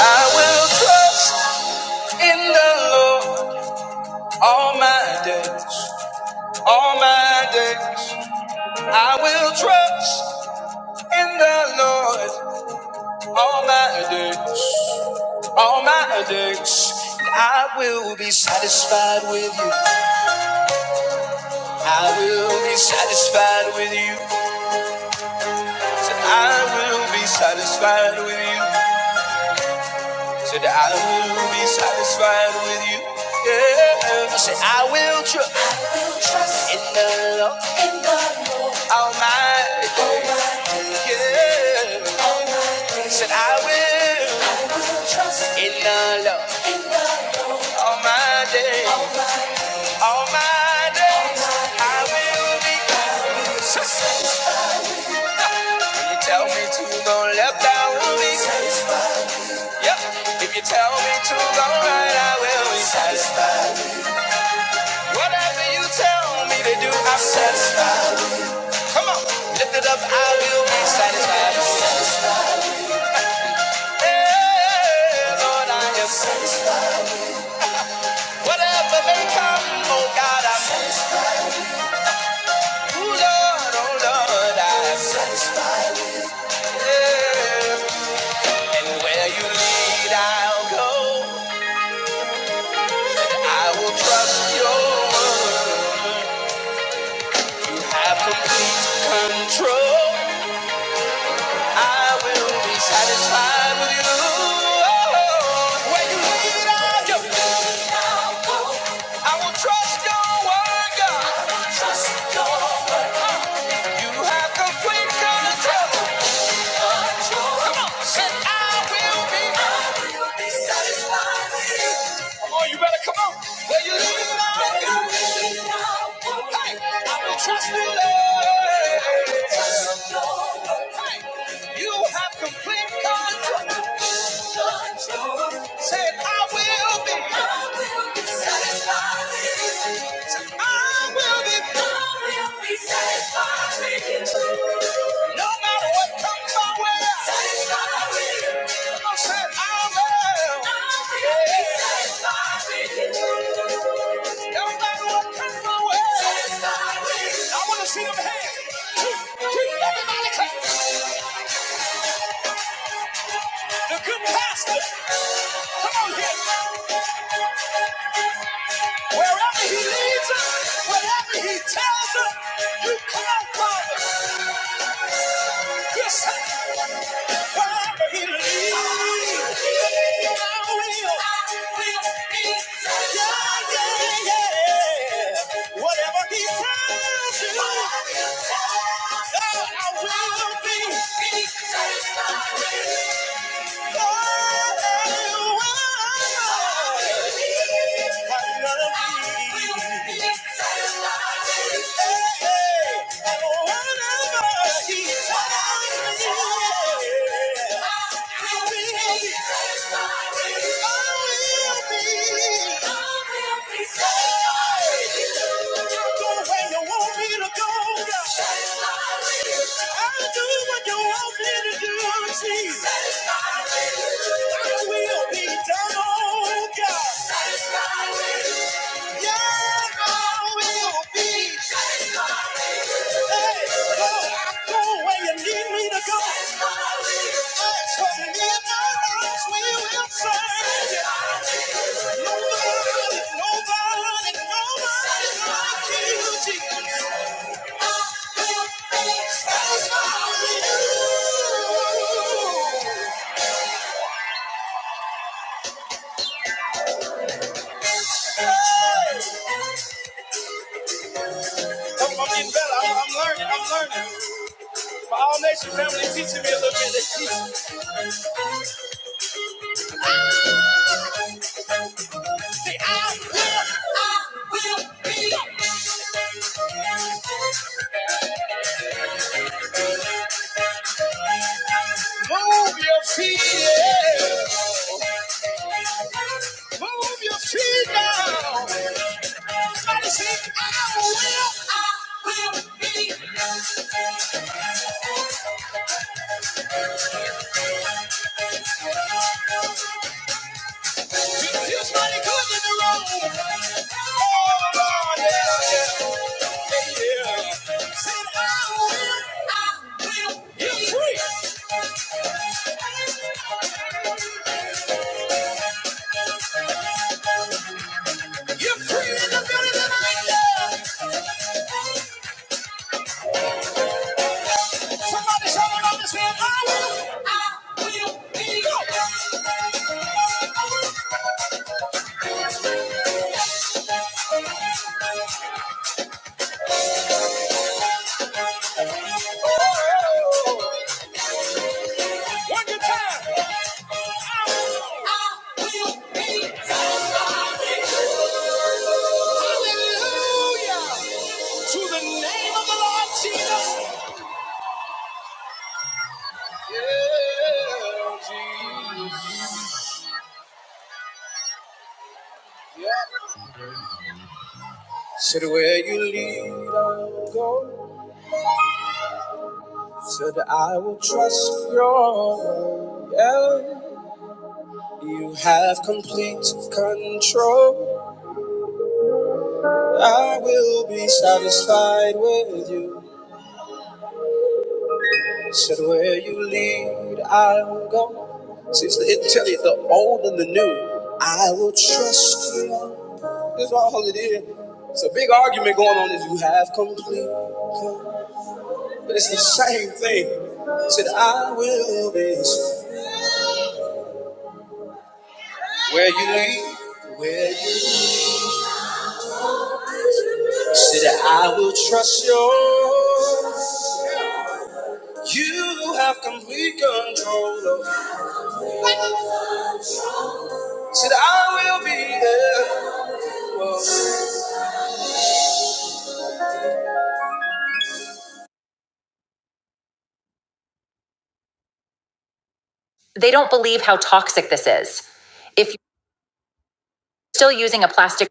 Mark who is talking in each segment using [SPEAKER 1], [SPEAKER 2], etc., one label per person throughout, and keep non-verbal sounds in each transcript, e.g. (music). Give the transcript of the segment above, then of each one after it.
[SPEAKER 1] I will trust in the Lord all my days, all my days. I will trust in the Lord all my days, all my days. I will be satisfied with you. I will be satisfied with you. Said I will be satisfied with you. Said I will be satisfied with you. Yeah. Said I will trust. I will trust in the Lord. In the Lord. All my days. Yeah. All my days. Said I will. I will trust in the Lord. In the Lord. All my days. All my days. I will be. Can (laughs) you tell me to go left? I will be. Yep. If you tell me to go right, I will be satisfied. Whatever you tell me to do, I'm satisfied. Come on, lift it up, I will be satisfied. Hey, Lord, I am satisfied. whatever may come, oh God, I'm satisfied. Ooh, Lord, oh Lord, I am satisfied. Yeah. And where you lead, I'll go. I will trust your word. Have complete control. I will be satisfied with you. When you lead, I do. I will trust your word, God. You have complete control. Said I will be. I will be satisfied with you. Come on, you better come on. When you lead, I do. Hey, I will trust you, Lord. You have complete control. Said I will be. I will be satisfied with you. Wherever he leads us, wherever he tells us, you come, Father. Yes, sir. Satisfied. I will be done, oh God. I'm I'm getting better. I'm, I'm learning. I'm learning. My All Nation family teaching me a little bit. They teach me. Say, I will, I will be. Move your feet. yeah. Move your feet now. Somebody say I will, I will be. Oh, Lord, yeah, yeah, yeah. Sing, I will, I will be. You're free. Somebody shout it out and say, I will, I will be. Go. One good time. Hallelujah. Yeah, Jesus. Yeah. Said where you lead, I'll go. Said I will trust your word. Yeah. You have complete control. I will be satisfied with you. Said where you lead, I will go. See, it's the, it tell you the old and the new. I will trust you. Lord. That's all it is. It's a big argument going on. Is you have complete, con- but it's the same thing. Said I will be where you lead, where you said I will trust you. You have complete control. Lord. Said I will be there. They don't believe how toxic this is. If you're still using a plastic.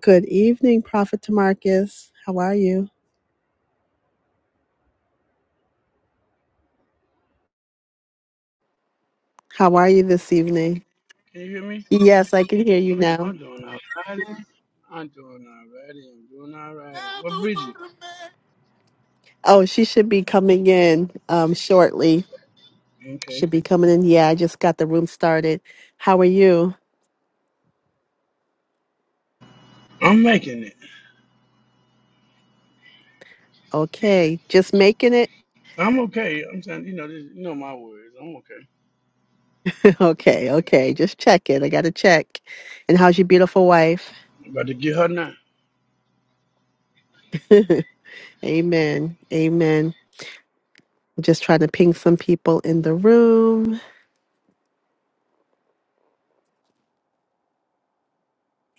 [SPEAKER 1] Good evening, Prophet Tamarcus. How are you? How are you this evening?
[SPEAKER 2] Can you hear me?
[SPEAKER 1] Yes, I can hear you now.
[SPEAKER 2] I'm doing all righty. I'm doing all righty. I'm doing all righty. Well, Bridget,
[SPEAKER 1] Oh, she should be coming in um, shortly.
[SPEAKER 2] okay.
[SPEAKER 1] Should be coming in. Yeah, I just got the room started. How are you?
[SPEAKER 2] I'm making it.
[SPEAKER 1] Okay, just making it.
[SPEAKER 2] I'm okay. I'm saying, you know, this, you know my words. I'm okay.
[SPEAKER 1] (laughs) okay, okay, just check it. I got to check. And how's your beautiful wife?
[SPEAKER 2] I'm about to get her now.
[SPEAKER 1] (laughs) amen, amen. Just trying to ping some people in the room.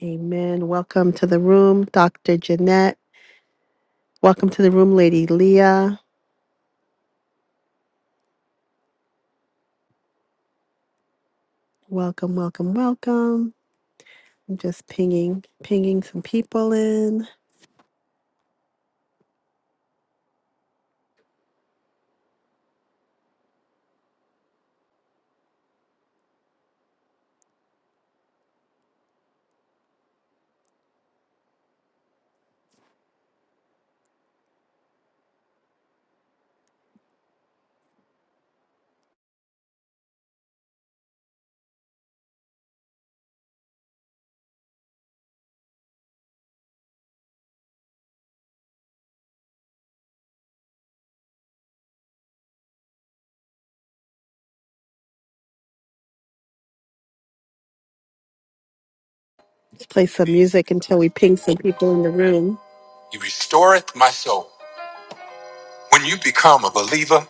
[SPEAKER 1] Amen. Welcome to the room, Dr. Jeanette. Welcome to the room, Lady Leah. Welcome, welcome, welcome. I'm just pinging, pinging some people in. Let's play some music until we ping some people in the room. He restoreth my soul. When you become a believer,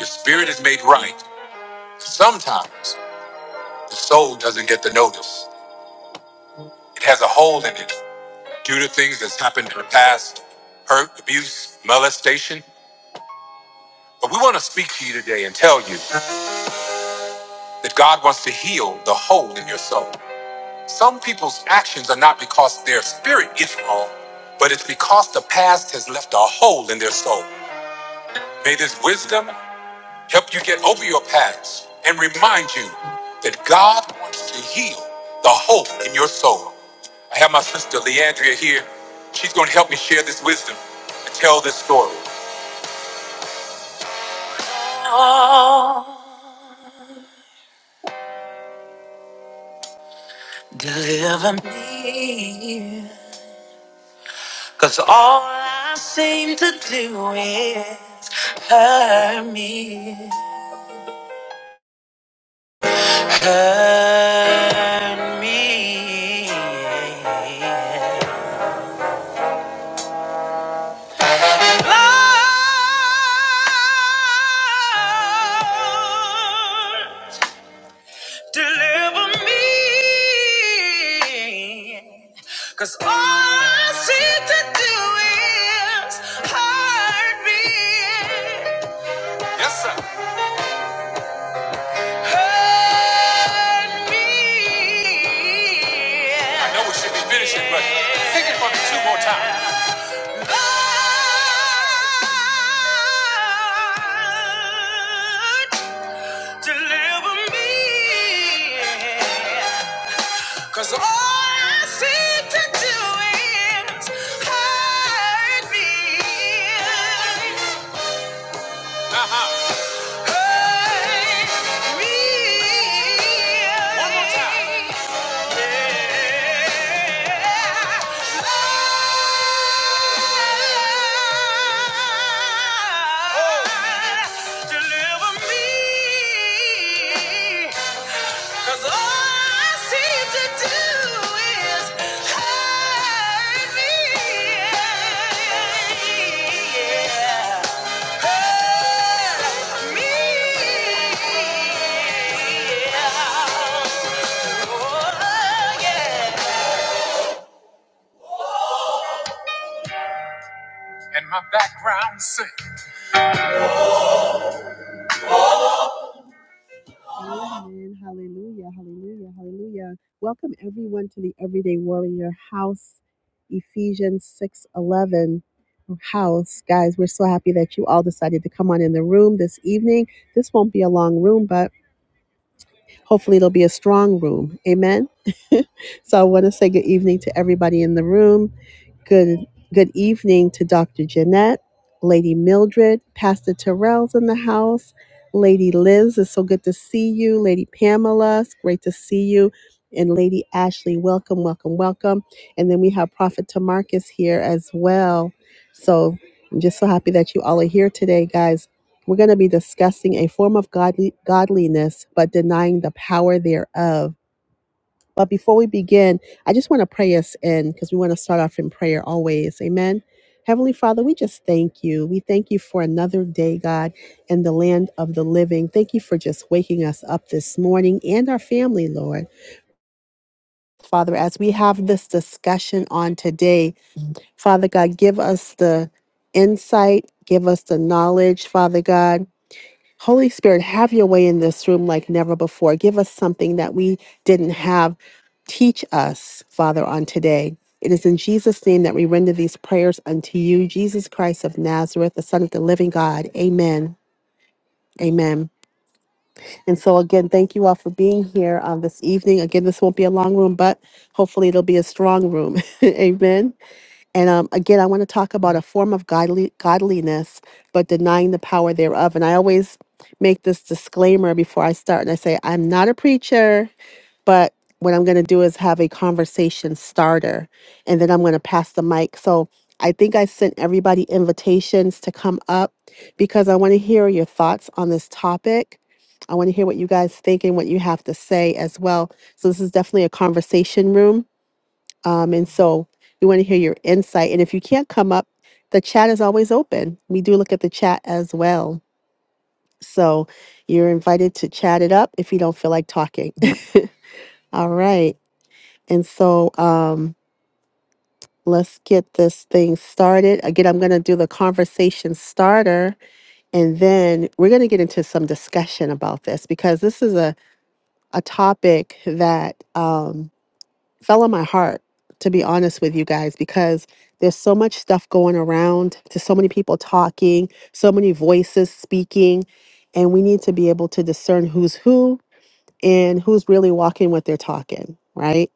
[SPEAKER 1] your spirit is made right. Sometimes the soul doesn't get the notice. It has a hole in it due to things that's happened in the past, hurt, abuse, molestation. But we want to speak to you today and tell you. that God wants to heal the hole in your soul. Some people's actions are not because their spirit is wrong, but it's because the past has left a hole in their soul. May this wisdom help you get over your past and remind you that God wants to heal the hole in your soul. I have my sister Leandria here. She's going to help me share this wisdom and tell this story. Cause all I seem to do is hurt me. Yes, sir. Hurt me. I know we should be finishing, but sing it for me two more times. Lord, deliver me. Cause all I seem to do is hurt me. Uh, one more time. Yeah. My background sing. Amen. Hallelujah. Hallelujah. Hallelujah. Welcome everyone to the Everyday Warrior House, Ephesians 6:11 house. Guys, we're so happy that you all decided to come on in the room this evening. This won't be a long room, but Hopefully, it'll be a strong room. Amen. (laughs) so I want to say good evening to everybody in the room. Good good evening to Dr. Jeanette, Lady Mildred, Pastor Terrell's in the house, Lady Liz. It's so good to see you, Lady Pamela. It's great to see you. And Lady Ashley, welcome, welcome, welcome. And then we have Prophet Tamarcus here as well. So I'm just so happy that you all are here today, guys. We're going to be discussing a form of godly, godliness, but denying the power thereof. But before we begin, I just want to pray us in because we want to start off in prayer always. Amen. Heavenly Father, we just thank you. We thank you for another day, God, in the land of the living. Thank you for just waking us up this morning and our family, Lord. Father, as we have this discussion on today, Father God, give us the insight, give us the knowledge, Father God Holy Spirit, have your way in this room like never before. Give us something that we didn't have. Teach us, Father, on today. It is in Jesus' name that we render these prayers unto you, Jesus Christ of Nazareth, the Son of the living God. Amen. Amen. And so, again, thank you all for being here on this evening. Again, this won't be a long room, but hopefully it'll be a strong room. (laughs) Amen. And um, again, I want to talk about a form of godly, godliness, but denying the power thereof. And I always make this disclaimer before I start, and I say, I'm not a preacher, but what I'm going to do is have a conversation starter, and then I'm going to pass the mic. So I think I sent everybody invitations to come up because I want to hear your thoughts on this topic. I want to hear what you guys think and what you have to say as well. So this is definitely a conversation room um, and so we want to hear your insight. And if you can't come up, the chat is always open. We do look at the chat as well. So you're invited to chat it up if you don't feel like talking. (laughs) All right. And so um, let's get this thing started. Again, I'm going to do the conversation starter and then we're going to get into some discussion about this because this is a, a topic that. Um, fell on my heart to be honest with you guys because there's so much stuff going around to so many people talking so many voices speaking and we need to be able to discern who's who and who's really walking what they're talking right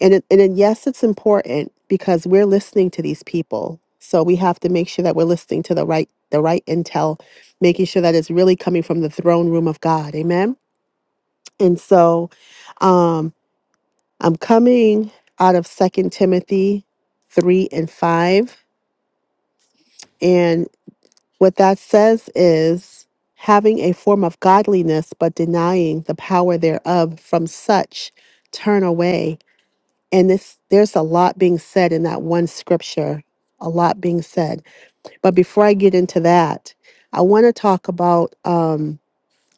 [SPEAKER 1] and it, and then yes it's important because we're listening to these people so we have to make sure that we're listening to the right the right intel making sure that it's really coming from the throne room of god amen and so um, I'm coming out of Second Timothy 3 and 5. And what that says is having a form of godliness, but denying the power thereof, from such turn away. And this, there's a lot being said in that one scripture, a lot being said. But before I get into that, I want to talk about. um,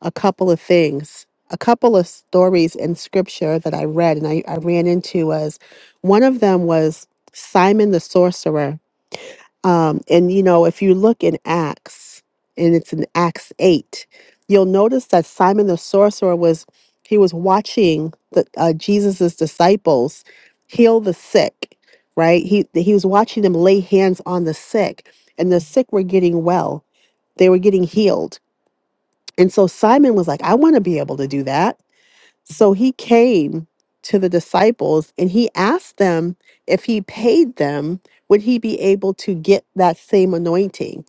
[SPEAKER 1] a couple of things, a couple of stories in scripture that I read and I, I ran into was one of them was Simon the sorcerer. Um, and you know, if you look in Acts, and it's in Acts 8, you'll notice that Simon the sorcerer was he was watching the uh, Jesus's disciples heal the sick, right? He he was watching them lay hands on the sick, and the sick were getting well. They were getting healed and so Simon was like, I want to be able to do that. So he came to the disciples and he asked them if he paid them, would he be able to get that same anointing?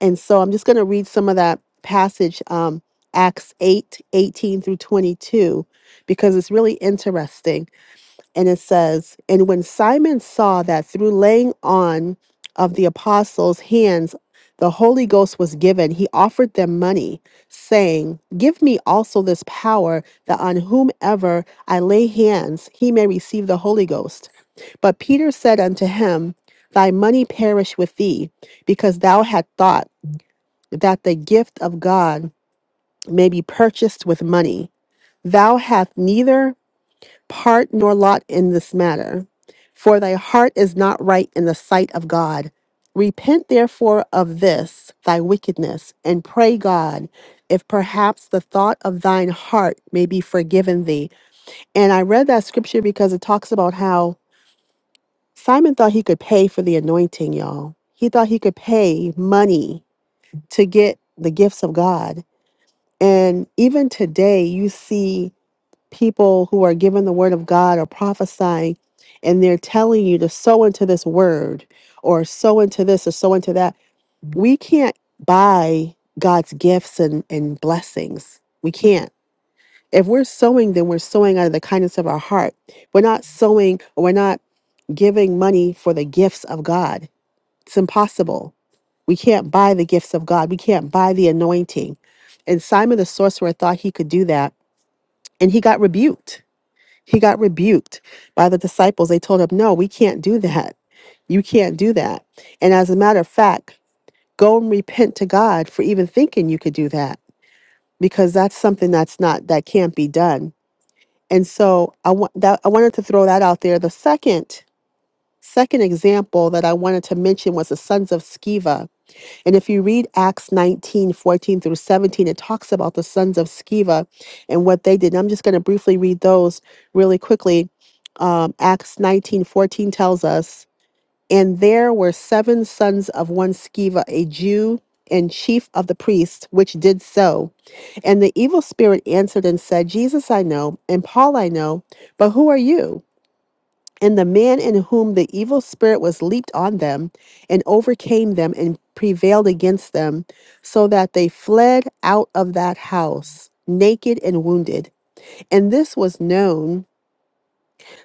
[SPEAKER 1] And so I'm just going to read some of that passage, um, Acts 8 18 through 22, because it's really interesting. And it says, And when Simon saw that through laying on of the apostles' hands, the Holy Ghost was given, he offered them money, saying, Give me also this power that on whomever I lay hands, he may receive the Holy Ghost. But Peter said unto him, Thy money perish with thee, because thou had thought that the gift of God may be purchased with money. Thou hast neither part nor lot in this matter for thy heart is not right in the sight of God. Repent therefore of this thy wickedness, and pray God, if perhaps the thought of thine heart may be forgiven thee. And I read that scripture because it talks about how Simon thought he could pay for the anointing, y'all. He thought he could pay money to get the gifts of God. And even today, you see people who are given the word of God or prophesying, and they're telling you to sow into this word or sow into this or sow into that. We can't buy God's gifts and, and blessings. We can't. If we're sowing, then we're sowing out of the kindness of our heart. We're not sowing or we're not giving money for the gifts of God. It's impossible. We can't buy the gifts of God. We can't buy the anointing. And Simon the sorcerer thought he could do that, and he got rebuked he got rebuked by the disciples. They told him, No, we can't do that. You can't do that. And as a matter of fact, go and repent to God for even thinking you could do that because that's something that's not, that can't be done. And so I want that, I wanted to throw that out there. The second, second example that I wanted to mention was the sons of Sceva and if you read Acts 19:14 through 17, it talks about the sons of Sceva and what they did. And I'm just going to briefly read those really quickly. Um, Acts 19:14 tells us, And there were seven sons of one Sceva, a Jew and chief of the priests, which did so. And the evil spirit answered and said, Jesus I know, and Paul I know, but who are you? And the man in whom the evil spirit was leaped on them and overcame them and prevailed against them, so that they fled out of that house, naked and wounded. And this was known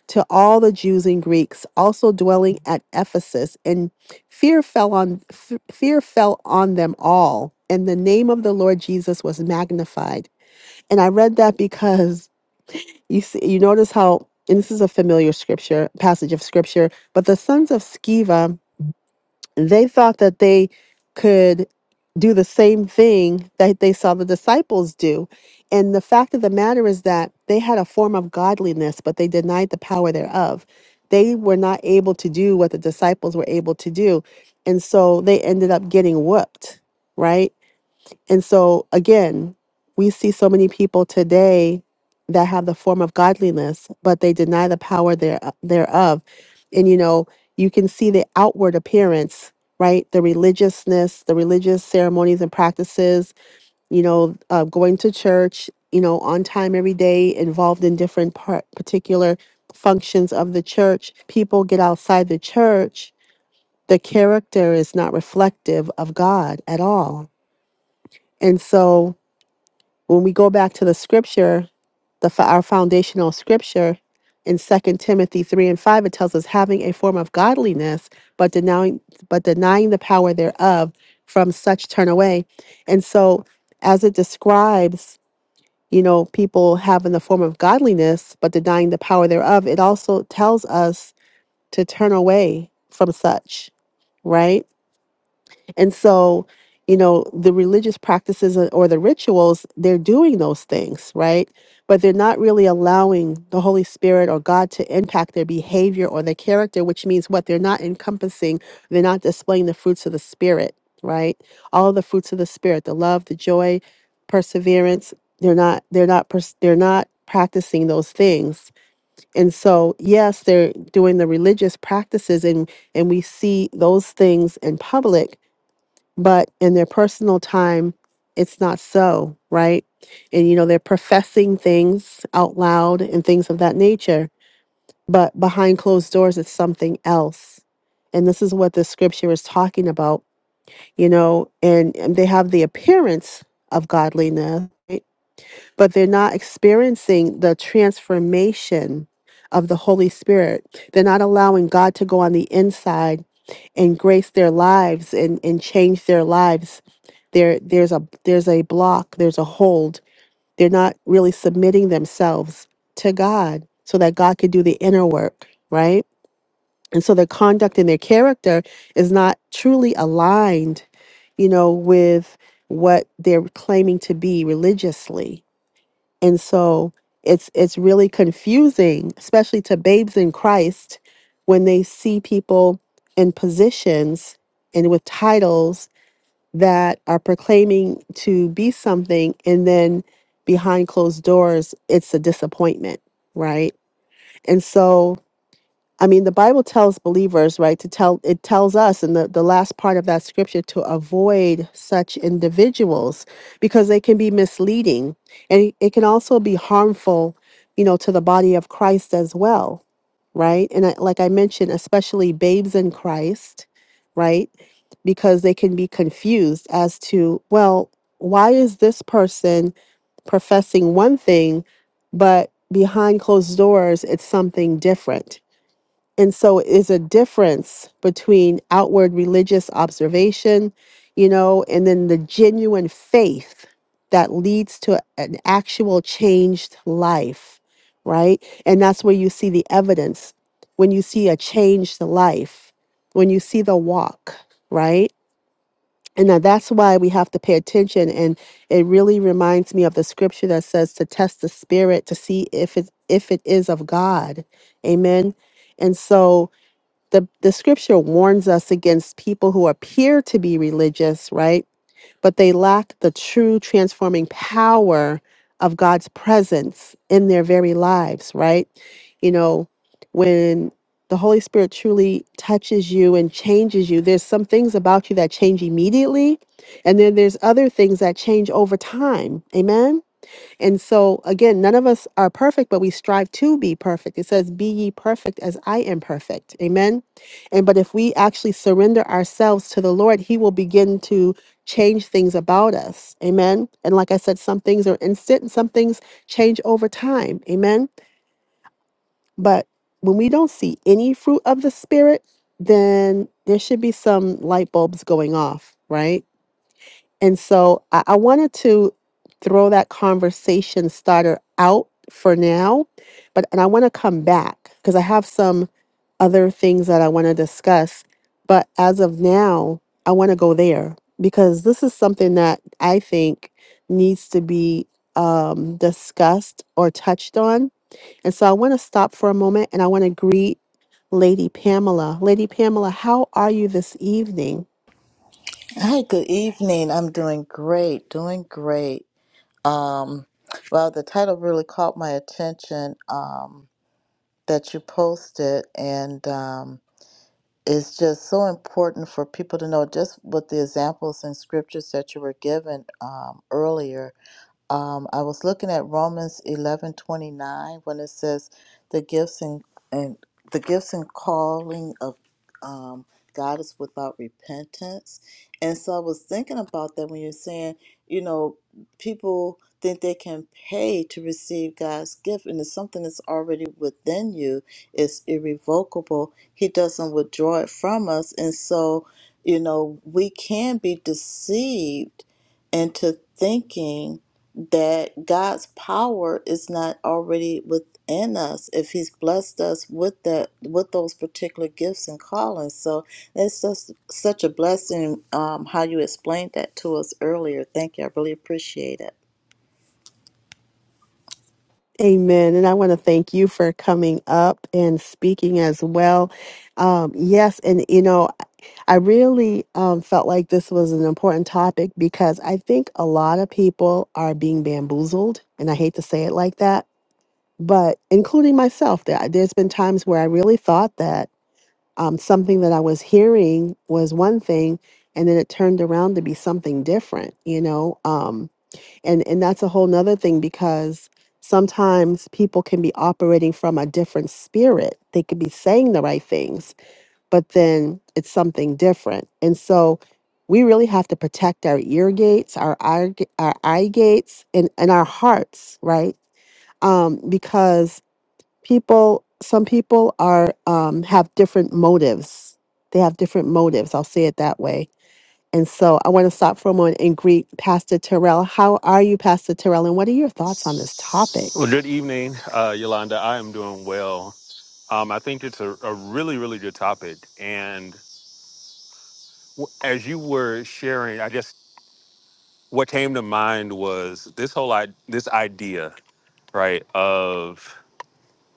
[SPEAKER 1] to all the Jews and Greeks also dwelling at Ephesus, and fear fell on f- fear fell on them all. And the name of the Lord Jesus was magnified. And I read that because you see, you notice how and this is a familiar scripture passage of scripture but the sons of Sceva, they thought that they could do the same thing that they saw the disciples do and the fact of the matter is that they had a form of godliness but they denied the power thereof they were not able to do what the disciples were able to do and so they ended up getting whooped right and so, again, we see so many people today that have the form of godliness, but they deny the power there, uh, thereof. And, you know, you can see the outward appearance, right? The religiousness, the religious ceremonies and practices, you know, uh, going to church, you know, on time every day, involved in different part, particular functions of the church. People get outside the church. The character is not reflective of God at all. And so when we go back to the scripture, the fo- our foundational scripture in Second Timothy 3 and 5, it tells us having a form of godliness, but denying but denying the power thereof, from such turn away. And so as it describes, you know, people having the form of godliness, but denying the power thereof, it also tells us to turn away from such, right? And so, you know, the religious practices or or the rituals, they're doing those things, right? But they're not really allowing the Holy Spirit or God to impact their behavior or their character, which means what? They're not encompassing, they're not displaying the fruits of the Spirit, right? All of the fruits of the Spirit, the love, the joy, perseverance, they're not, they're not, pers- they're not practicing those things. And so, yes, they're doing the religious practices and and we see those things in public but in their personal time, it's not so, right? And you know, they're professing things out loud and things of that nature, but behind closed doors, it's something else. And this is what the scripture is talking about, you know, and, and they have the appearance of godliness, right? but they're not experiencing the transformation of the Holy Spirit. They're not allowing God to go on the inside and grace their lives and, and change their lives. There there's a there's a block, there's a hold. They're not really submitting themselves to God so that God could do the inner work, right? And so their conduct and their character is not truly aligned, you know, with what they're claiming to be religiously and so it's it's really confusing, especially to babes in Christ, when they see people in positions and with titles that are proclaiming to be something and then behind closed doors it's a disappointment, right? And so I mean, the Bible tells believers, right, to tell, it tells us in the, the last part of that scripture to avoid such individuals because they can be misleading and it can also be harmful, you know, to the body of Christ as well, right? And I, like I mentioned, especially babes in Christ, right? Because they can be confused as to, well, why is this person professing one thing, but behind closed doors, it's something different? And so is a difference between outward religious observation, you know, and then the genuine faith that leads to an actual changed life, right? And that's where you see the evidence when you see a changed life, when you see the walk, right? And now that's why we have to pay attention. And it really reminds me of the scripture that says to test the spirit to see if it if it is of God. Amen. And so the, the scripture warns us against people who appear to be religious, right? But they lack the true transforming power of God's presence in their very lives, right? You know, when the Holy Spirit truly touches you and changes you, there's some things about you that change immediately, and then there's other things that change over time. Amen and so, again, none of us are perfect, but we strive to be perfect. It says, Be ye perfect as I am perfect. Amen. And but if we actually surrender ourselves to the Lord, He will begin to change things about us. Amen. And like I said, some things are instant and some things change over time. Amen. But when we don't see any fruit of the Spirit, then there should be some light bulbs going off, right? And so I, I wanted to throw that conversation starter out for now, but and I want to come back because I have some other things that I want to discuss. But as of now, I want to go there because this is something that I think needs to be um, discussed or touched on. And so I want to stop for a moment and I want to greet Lady Pamela. Lady Pamela, how are you this evening?
[SPEAKER 3] Hi, good evening. I'm doing great, doing great. Um, well, the title really caught my attention um, that you posted, and um, it's just so important for people to know just with the examples and scriptures that you were given um, earlier um, I was looking at Romans eleven twenty nine when it says the gifts and, and the gifts and calling of um, God is without repentance. And so I was thinking about that when you're saying, you know, people think they can pay to receive God's gift, and it's something that's already within you. It's irrevocable. He doesn't withdraw it from us, and so you know we can be deceived into thinking that God's power is not already within us if He's blessed us with that with those particular gifts and callings. So it's just such a blessing um, how you explained that to us earlier. Thank you. I really appreciate it.
[SPEAKER 1] Amen. And I want to thank you for coming up and speaking as well. Um, yes. And, you know, I really um, felt like this was an important topic because I think a lot of people are being bamboozled, and I hate to say it like that, but including myself, there, there's been times where I really thought that um, something that I was hearing was one thing, and then it turned around to be something different, you know. Um, and and that's a whole nother thing because sometimes people can be operating from a different spirit they could be saying the right things but then it's something different and so we really have to protect our ear gates our eye, g- our eye gates and, and our hearts right um, because people some people are um, have different motives they have different motives i'll say it that way and so I want to stop for a moment and greet Pastor Terrell. How are you, Pastor Terrell? And what are your thoughts on this
[SPEAKER 4] Well,
[SPEAKER 1] topic?
[SPEAKER 4] good evening, uh, Yolanda. I am doing well. Um, I think it's a, a really, really good topic. And w- as you were sharing, I guess what came to mind was this whole I- this idea, right, of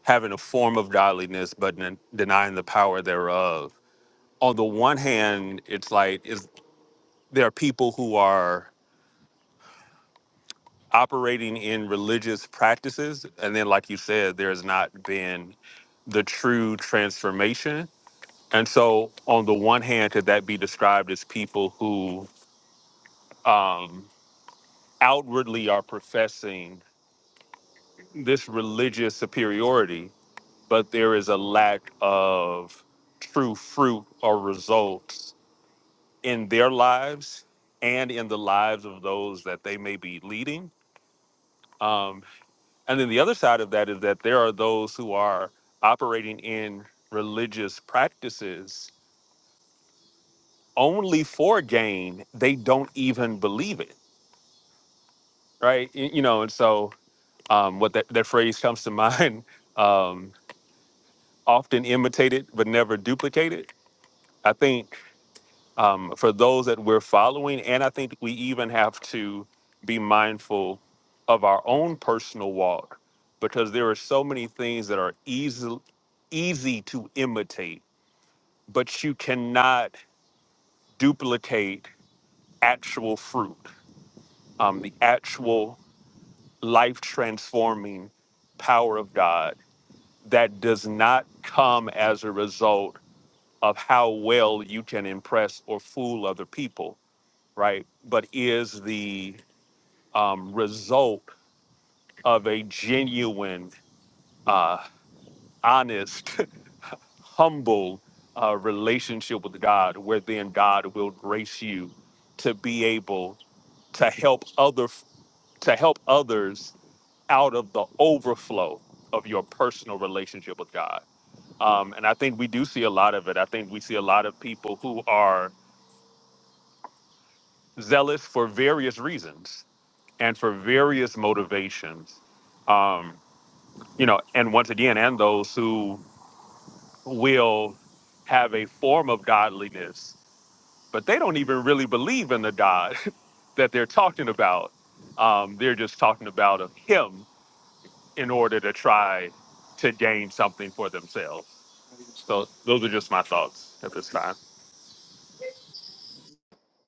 [SPEAKER 4] having a form of godliness but den- denying the power thereof. On the one hand, it's like is there are people who are operating in religious practices, and then, like you said, there has not been the true transformation And so, on the one hand, could that be described as people who um, outwardly are professing this religious superiority, but there is a lack of true fruit or results in their lives and in the lives of those that they may be leading? Um, and then the other side of that is that there are those who are operating in religious practices only for gain, they don't even believe it right? Y- You know, and so um, what that, that phrase comes to mind, (laughs) um, often imitated but never duplicated. I think um, for those that we're following, and I think we even have to be mindful of our own personal walk because there are so many things that are easy, easy to imitate, but you cannot duplicate actual fruit, um, the actual life transforming power of God that does not come as a result of how well you can impress or fool other people, right? But is the um, result of a genuine, uh, honest, (laughs) humble uh, relationship with God, where then God will grace you to be able to help other to help others out of the overflow of your personal relationship with God. Um, and I think we do see a lot of it. I think we see a lot of people who are zealous for various reasons and for various motivations. Um, you know, and once again, and those who will have a form of godliness, but they don't even really believe in the God (laughs) that they're talking about. Um, they're just talking about of Him in order to try to gain something for themselves. So those are just my thoughts at this time.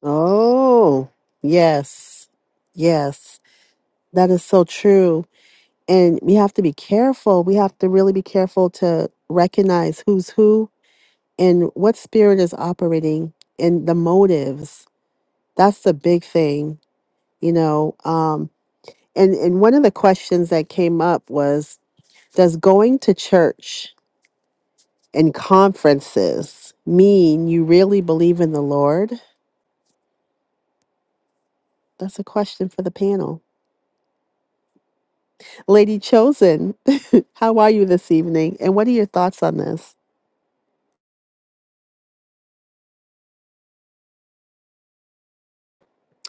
[SPEAKER 1] Oh, yes. Yes. That is so true. And we have to be careful. We have to really be careful to recognize who's who and what spirit is operating and the motives. That's the big thing, you know. Um, and, and one of the questions that came up was Does going to church and conferences mean you really believe in the Lord? That's a question for the panel. Lady Chosen, (laughs) how are you this evening? And what are your thoughts on this?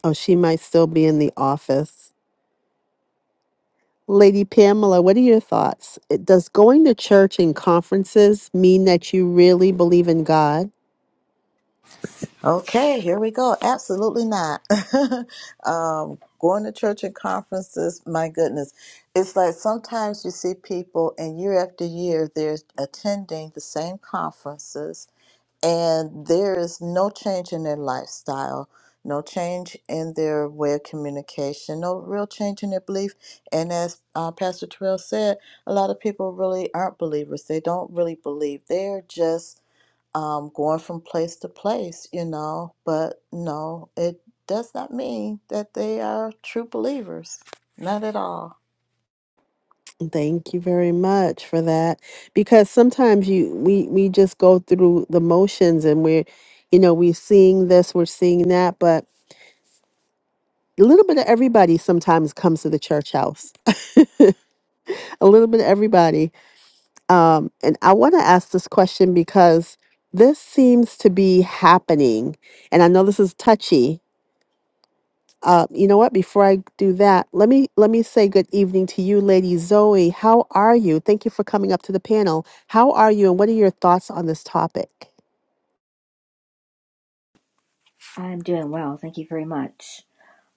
[SPEAKER 1] Oh, she might still be in the office. Lady Pamela, what are your thoughts? It- Does going to church and conferences mean that you really believe in God?
[SPEAKER 3] Okay, here we go. Absolutely not. (laughs) um, going to church and conferences, my goodness. It's like sometimes you see people, and year after year, they're attending the same conferences and there is no change in their lifestyle, no change in their way of communication, no real change in their belief. And as uh, Pastor Terrell said, a lot of people really aren't believers. They don't really believe. They're just um, going from place to place, you know. But no, it does not mean that they are true believers. Not at all.
[SPEAKER 1] Thank you very much for that. Because sometimes you we we just go through the motions and we're, you know, we're seeing this, we're seeing that, but a little bit of everybody sometimes comes to the church house (laughs) a little bit of everybody um, and i want to ask this question because this seems to be happening and i know this is touchy uh, you know what before i do that let me let me say good evening to you lady zoe how are you thank you for coming up to the panel how are you and what are your thoughts on this topic
[SPEAKER 5] I'm doing well. Thank you very much.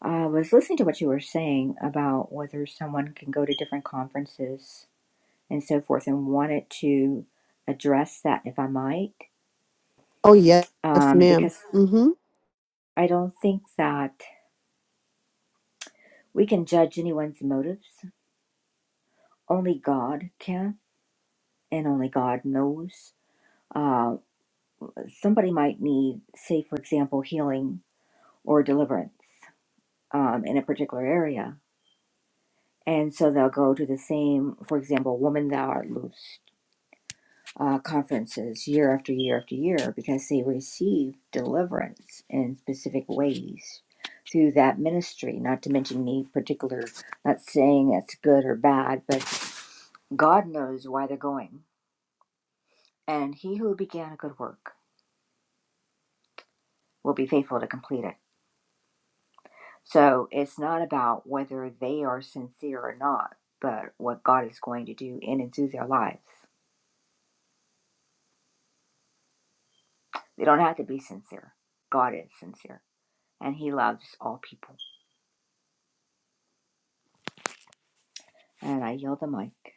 [SPEAKER 5] I was listening to what you were saying about whether someone can go to different conferences and so forth, and wanted to address that if I might,
[SPEAKER 1] oh yes
[SPEAKER 5] um,
[SPEAKER 1] ma'am
[SPEAKER 5] because
[SPEAKER 1] mm-hmm.
[SPEAKER 5] I don't think that we can judge anyone's motives. Only God can, and only God knows. Uh, somebody might need, say, for example, healing or deliverance um, in a particular area. And so they'll go to the same, for example, woman thou art loosed uh, conferences year after year after year because they receive deliverance in specific ways through that ministry. Not to mention any particular, not saying that's good or bad, but God knows why they're going. And he who began a good work will be faithful to complete it. So it's not about whether they are sincere or not, but what God is going to do in and through their lives. They don't have to be sincere. God is sincere, and he loves all people. And I yield the mic.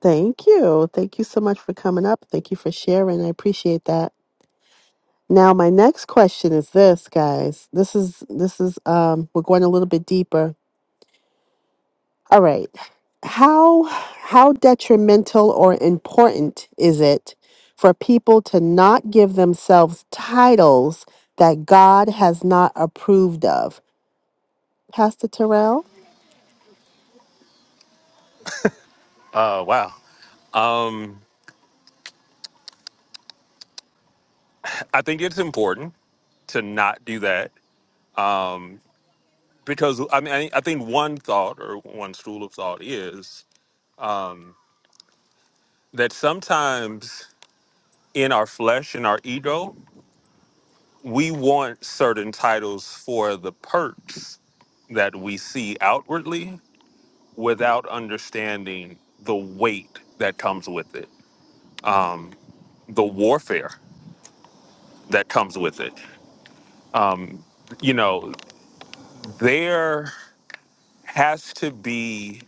[SPEAKER 1] thank you thank you so much for coming up thank you for sharing i appreciate that Now my next question is this, guys. This is this is um we're going a little bit deeper. All right. How how detrimental or important is it for people to not give themselves titles that God has not approved of? Pastor Terrell?
[SPEAKER 4] Oh wow. I think it's important to not do that because I mean I I think one thought or one school of thought is that sometimes in our flesh in our ego we want certain titles for the perks that we see outwardly without understanding the weight that comes with it the warfare that comes with it you know there has to be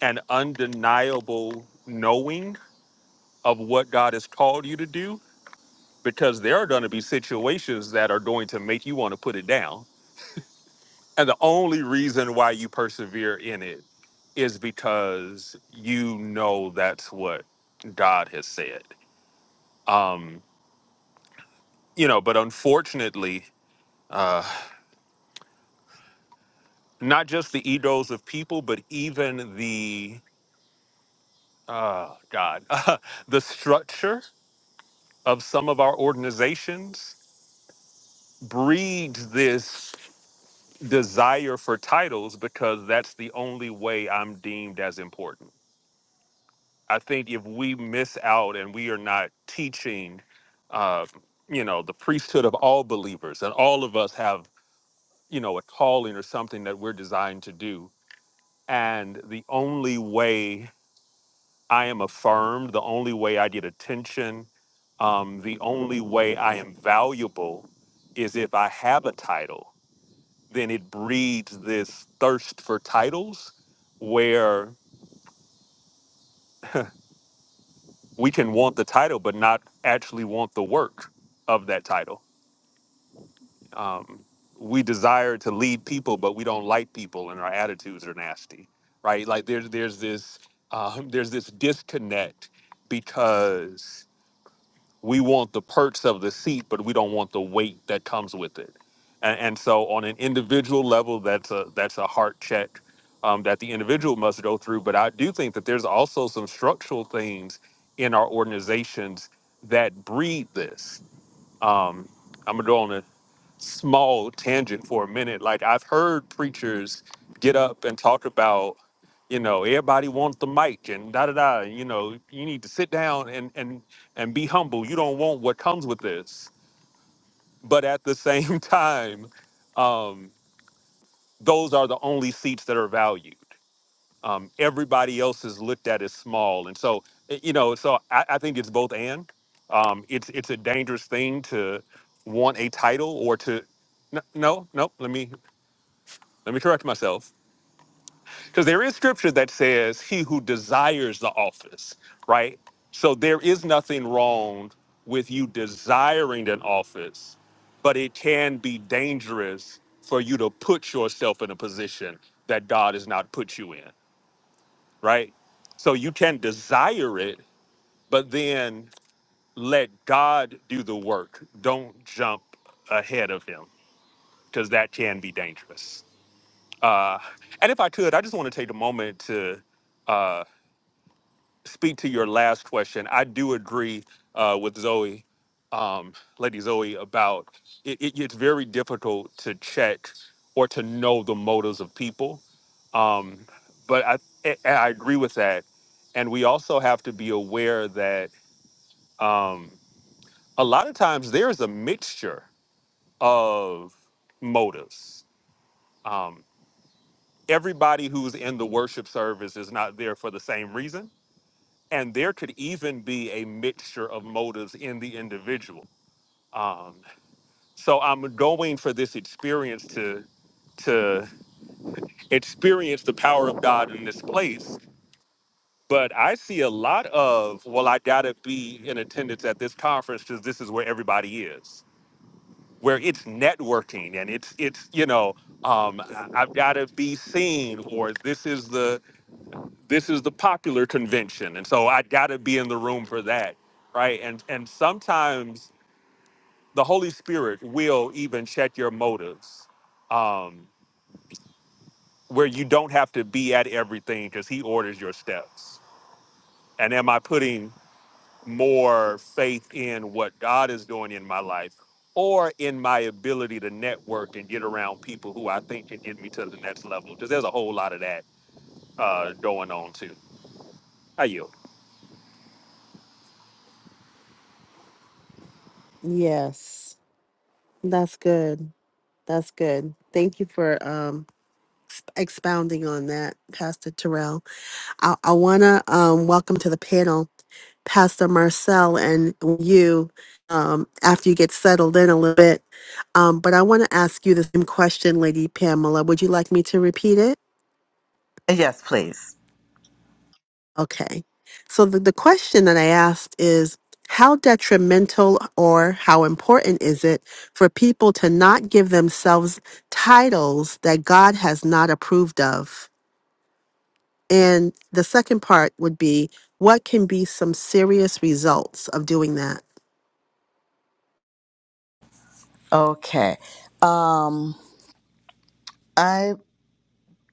[SPEAKER 4] an undeniable knowing of what God has called you to do because there are going to be situations that are going to make you want to put it down. And the only reason why you persevere in it is because you know that's what God has said. Um, you know, but unfortunately, uh, not just the egos of people, but even the uh, God, (laughs) the structure of some of our organizations breeds this. desire for titles because that's the only way I'm deemed as important. I think if we miss out and we are not teaching, uh, you know, the priesthood of all believers, and all of us have, you know, a calling or something that we're designed to do. And the only way I am affirmed, the only way I get attention, um, the only way I am valuable is if I have a title then it breeds this thirst for titles where we can want the title but not actually want the work of that title. Um, we desire to lead people, but we don't like people, and our attitudes are nasty, right? Like there's there's this um, (laughs) there's this disconnect because we want the perks of the seat, but we don't want the weight that comes with it. And, and so, on an individual level, that's a that's a heart check um, that the individual must go through. But I do think that there's also some structural things in our organizations that breed this. Um, I'm gonna go on small tangent for a minute. Like I've heard preachers get up and talk about, you know, everybody wants the mic and da da da. You know, you need to sit down and and and be humble. You don't want what comes with this. But at the same (laughs) time, um, those are the only seats that are valued. Um, everybody else is looked at as small, and so eh, you know. So I, I think it's both and. Um, it's it's a dangerous thing to want a title or to no, no, no. Let me let me correct myself because there is scripture that says he who desires the office right so there is nothing wrong with you desiring an office but it can be dangerous for you to put yourself in a position that god has not put you in right so you can desire it but then let god do the work don't jump ahead of him because that can be dangerous and if i could i just want to take a moment to speak to your last question, I do agree uh, with Zoe, um, Lady Zoe, about it, it, it's very difficult to check or to know the motives of people. Um, but I, I I agree with that. And we also have to be aware that um, a lot of times there's a mixture of motives. Um, everybody who's in the worship service is not there for the same reason and there could even be a mixture of motives in the individual. Um, so I'm going for this experience to to experience the power of God in this place. But I see a lot of well, I gotta be in attendance at this conference because this is where everybody is, where it's networking and it's it's you know um, I- I've gotta be seen or this is the this is the popular convention and so i got to be in the room for that right and and sometimes the holy spirit will even check your motives um where you don't have to be at everything because he orders your steps and am i putting more faith in what god is doing in my life or in my ability to network and get around people who i think can get me to the next level because there's a whole lot of that uh going on too i yield
[SPEAKER 1] Yes. That's good. That's good. Thank you for um expounding on that, Pastor Terrell. I, I want to um, welcome to the panel Pastor Marcel and you um, after you get settled in a little bit. Um, but I want to ask you the same question, Lady Pamela. Would you like me to repeat it?
[SPEAKER 3] Yes, please.
[SPEAKER 1] Okay. So the, the question that I asked is how detrimental or how important is it for people to not give themselves titles that God has not approved of? And the second part would be what can be some serious results of doing that?
[SPEAKER 3] Okay. Um,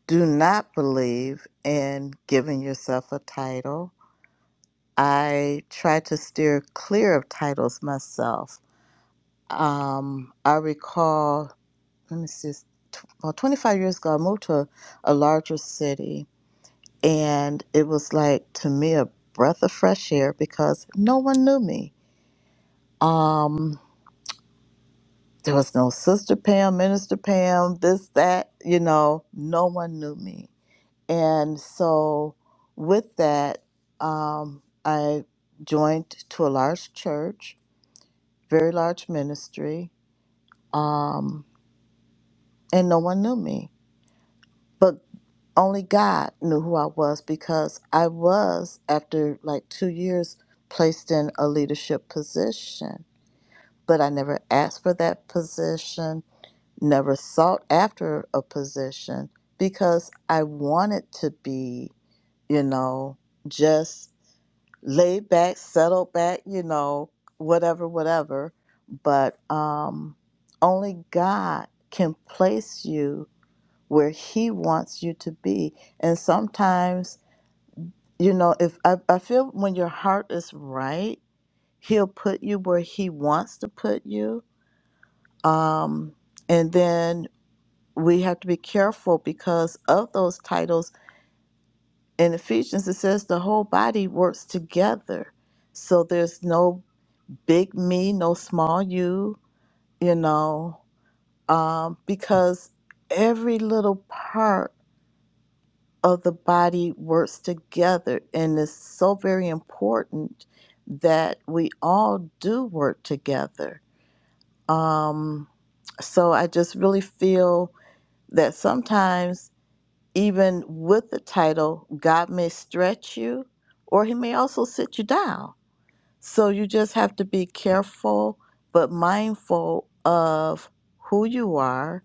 [SPEAKER 3] do not believe in giving yourself a title. I try to steer clear of titles myself. Um, I recall, let me see, it's tw- about 25 years ago, I moved to a, a larger city, and it was like to me a breath of fresh air because no one knew me. Um, there was no Sister Pam, Minister Pam, this, that, you know, no one knew me And so, with that, um, I joined to a large church, very large ministry, um, and no one knew me. But only God knew who I was because I was, after like two years, placed in a leadership position. But I never asked for that position, never sought after a position because I wanted to be, you know, just laid back, settled back, you know, whatever, whatever. But um, only God can place you where He wants you to be. And sometimes, you know, if I, I feel when your heart is right, He'll put you where He wants to put you. Um, and then we have to be careful because of those titles. In Ephesians, it says the whole body works together. So there's no big me, no small you, you know, um, because every little part of the body works together. And it's so very important that we all do work together. Um, so I just really feel that sometimes, even with the title, God may stretch you or He may also sit you down So you just have to be careful but mindful of who you are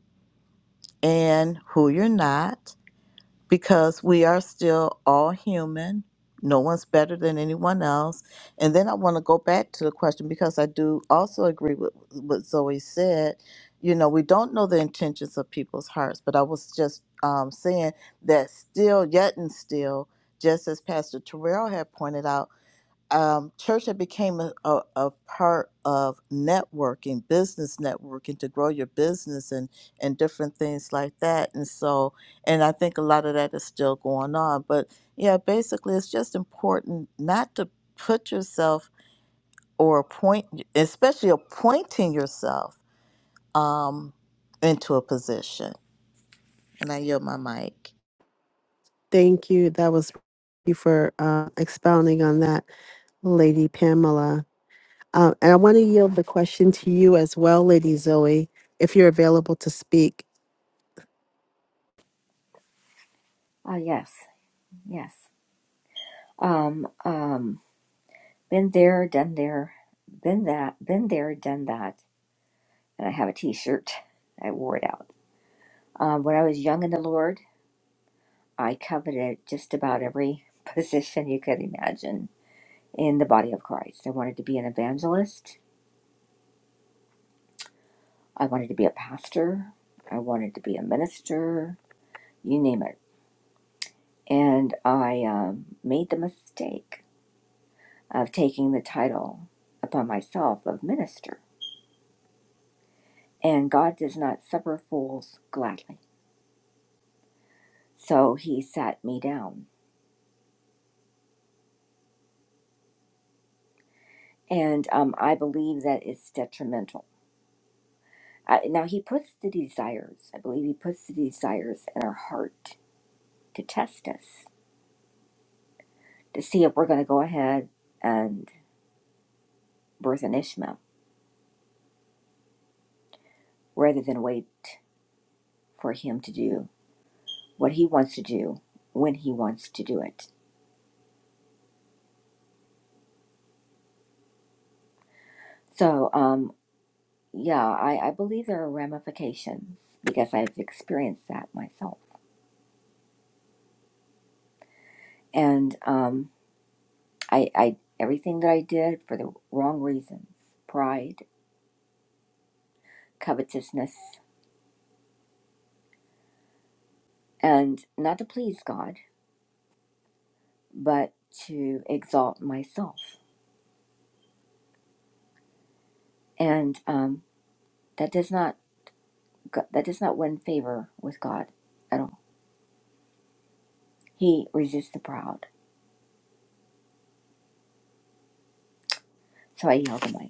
[SPEAKER 3] and who you're not because we are still all human. No one's better than anyone else. And then I want to go back to the question because I do also agree with what Zoe said. You know, we don't know the intentions of people's hearts, but I was just um, saying that still, yet and still, just as Pastor Terrell had pointed out, um, church had became a, a, a part of networking, business networking to grow your business and, and different things like that. And so, and I think a lot of that is still going on. But yeah, basically, it's just important not to put yourself or appoint, especially appointing yourself um, into a position. And I yield my mic.
[SPEAKER 1] Thank you. That was thank you for uh, expounding on that, Lady Pamela. Uh, and I want to yield the question to you as well, Lady Zoe, if you're available to speak.
[SPEAKER 5] Ah, yes, yes. Um, um, been there, done there, been that, been there, done that. And I have a T-shirt. I wore it out. Um, when I was young in the Lord, I coveted just about every (laughs) position you could imagine in the body of Christ. I wanted to be an evangelist. I wanted to be a pastor. I wanted to be a minister. You name it. And I um, made the mistake of taking the title upon myself of minister and God does not suffer fools gladly. So he sat me down. And um, I believe that it's detrimental. I, now, he puts the desires, I believe he puts the desires in our heart to test us, to see if we're going to go ahead and birth an Ishmael rather than wait for him to do what he wants to do when he wants to do it. So, um, yeah, I, I believe there are ramifications because I've experienced that myself. And um, I, I everything that I did for the wrong reasons, pride, covetousness, and not to please God, but to exalt myself. And um, that does not go- that does not win favor with God at all. He resists the proud. So I yield the mic.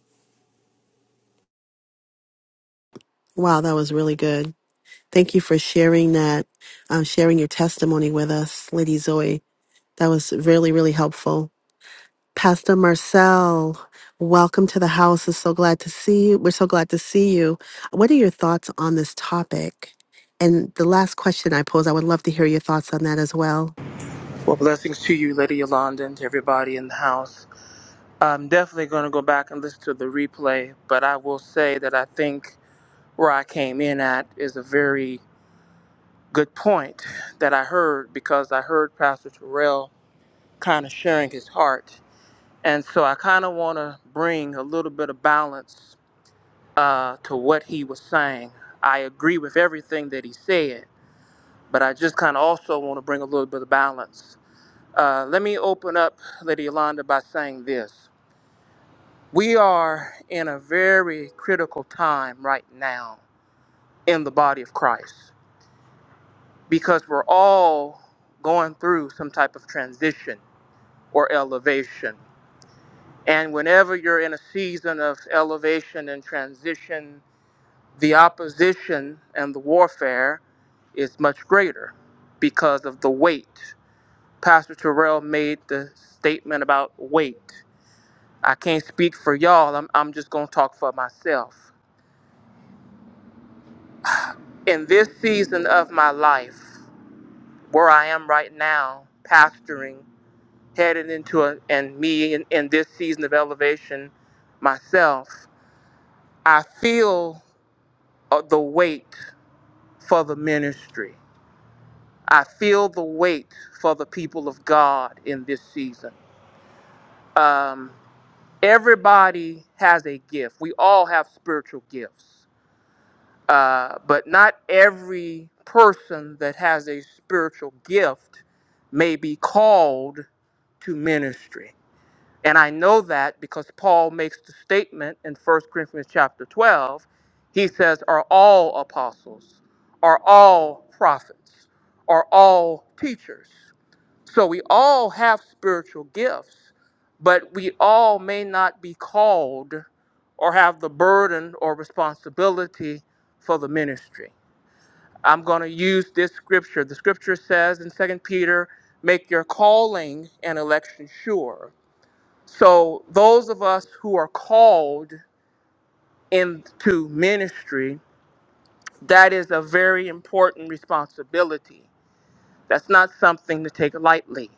[SPEAKER 1] Wow, that was really good. Thank you for sharing that, um, sharing your testimony with us, Lady Zoe. That was really, really helpful. Pastor Marcel, welcome to the house. It's so glad to see you. We're so glad to see you. What are your thoughts on this topic? And the last question I posed, I would love to hear your thoughts on that as well.
[SPEAKER 6] Well, blessings to you, Lady Yolanda, and to everybody in the house. I'm definitely going to go back and listen to the replay, but I will say that I think where I came in at is a very good point that I heard because I heard Pastor Terrell kind of sharing his heart. And so I kind of want to bring a little bit of balance uh, to what he was saying. I agree with everything that he said, but I just kind of also want to bring a little bit of balance Uh, let me open up, Lady Yolanda, by saying this. We are in a very critical time right now in the body of Christ because we're all going through some type of transition or elevation. And whenever you're in a season of elevation and transition, the opposition and the warfare is much greater because of the weight. Pastor Terrell made the statement about weight. I can't speak for y'all. I'm, I'm just going to talk for myself. In this season of my life, where I am right now, pastoring, headed into a, and me in, in this season of elevation myself, I feel uh, the weight for the ministry. I feel the weight for the people of God in this season. Um, everybody has a gift. We all have spiritual gifts. Uh, but not every person that has a spiritual gift may be called to ministry. And I know that because Paul makes the statement in 1 Corinthians chapter 12. He says, Are all apostles? Are all prophets? Are all teachers? So we all have spiritual gifts, but we all may not be called or have the burden or responsibility for the ministry. I'm going to use this scripture. The scripture says in Second Peter, make your calling and election sure. So those of us who are called into ministry, that is a very important responsibility. That's not something to take lightly.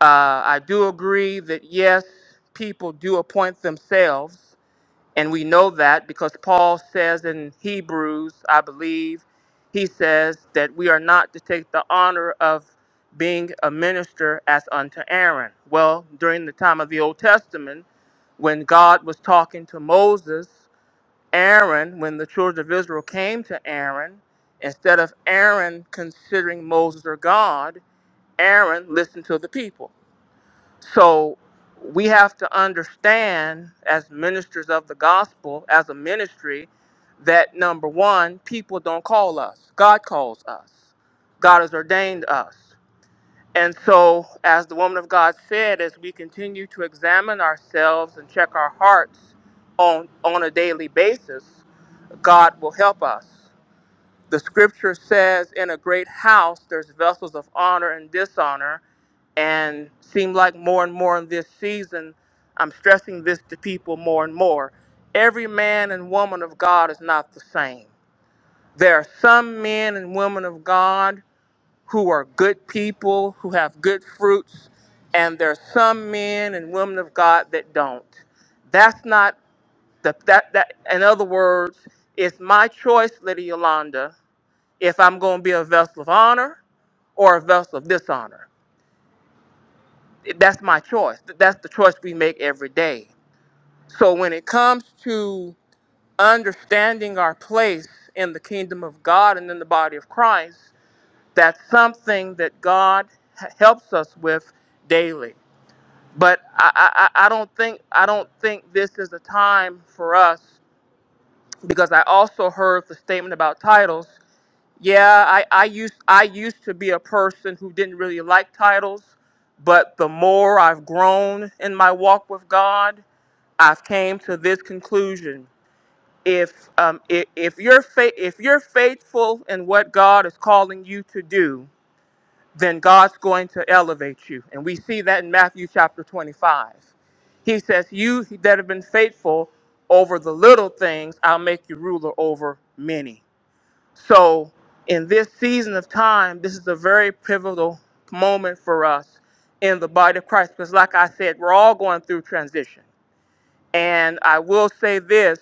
[SPEAKER 6] Uh, I do agree that yes, people do appoint themselves, and we know that because Paul says in Hebrews, I believe, he says that we are not to take the honor of being a minister as unto Aaron. Well, during the time of the Old Testament, when God was talking to Moses, Aaron, when the children of Israel came to Aaron, instead of Aaron considering Moses their God, Aaron listened to the people. So we have to understand, as ministers of the gospel, as a ministry, that number one, people don't call us. God calls us. God has ordained us. And so, as the woman of God said, as we continue to examine ourselves and check our hearts on, on a daily basis, God will help us. The scripture says, In a great house, there's vessels of honor and dishonor, and seem like more and more in this season, I'm stressing this to people more and more. Every man and woman of God is not the same. There are some men and women of God who are good people, who have good fruits, and there are some men and women of God that don't. That's not the, that, that, in other words, it's my choice, Lady Yolanda, if I'm going to be a vessel of honor or a vessel of dishonor. that's my choice. Th- That's the choice we make every day. So when it comes to understanding our place in the kingdom of God and in the body of Christ, that's something that God h- helps us with daily. But I, I, I I don't think I don't think this is a time for us because I also heard the statement about titles. Yeah, I, I used I used to be a person who didn't really like titles, but the more I've grown in my walk with God, I've came to this conclusion. If um if, if you're fa- if you're faithful in what God is calling you to do, then God's going to elevate you. And we see that in Matthew chapter 25. He says, "You that have been faithful over the little things, I'll make you ruler over many." So, in this season of time, this is a very pivotal moment for us in the body of Christ because, like I said, we're all going through transition. And I will say this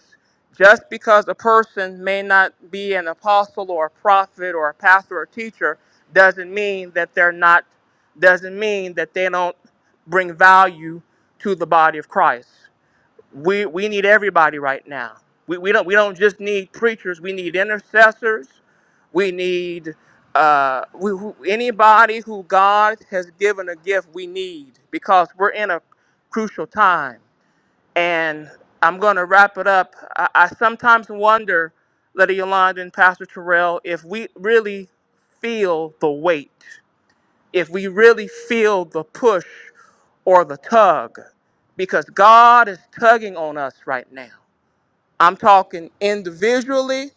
[SPEAKER 6] just because a person may not be an apostle or a prophet or a pastor or a teacher doesn't mean that they're not, doesn't mean that they don't bring value to the body of Christ we we need everybody right now. We, we don't we don't just need preachers. We need intercessors. We need uh, we, who, anybody who God has given a gift. We need because we're in a crucial time. And I'm going to wrap it up. I, I sometimes wonder, Lady Yolanda and Pastor Terrell, if we really feel the weight, if we really feel the push or the tug because God is tugging on us right now. I'm talking individually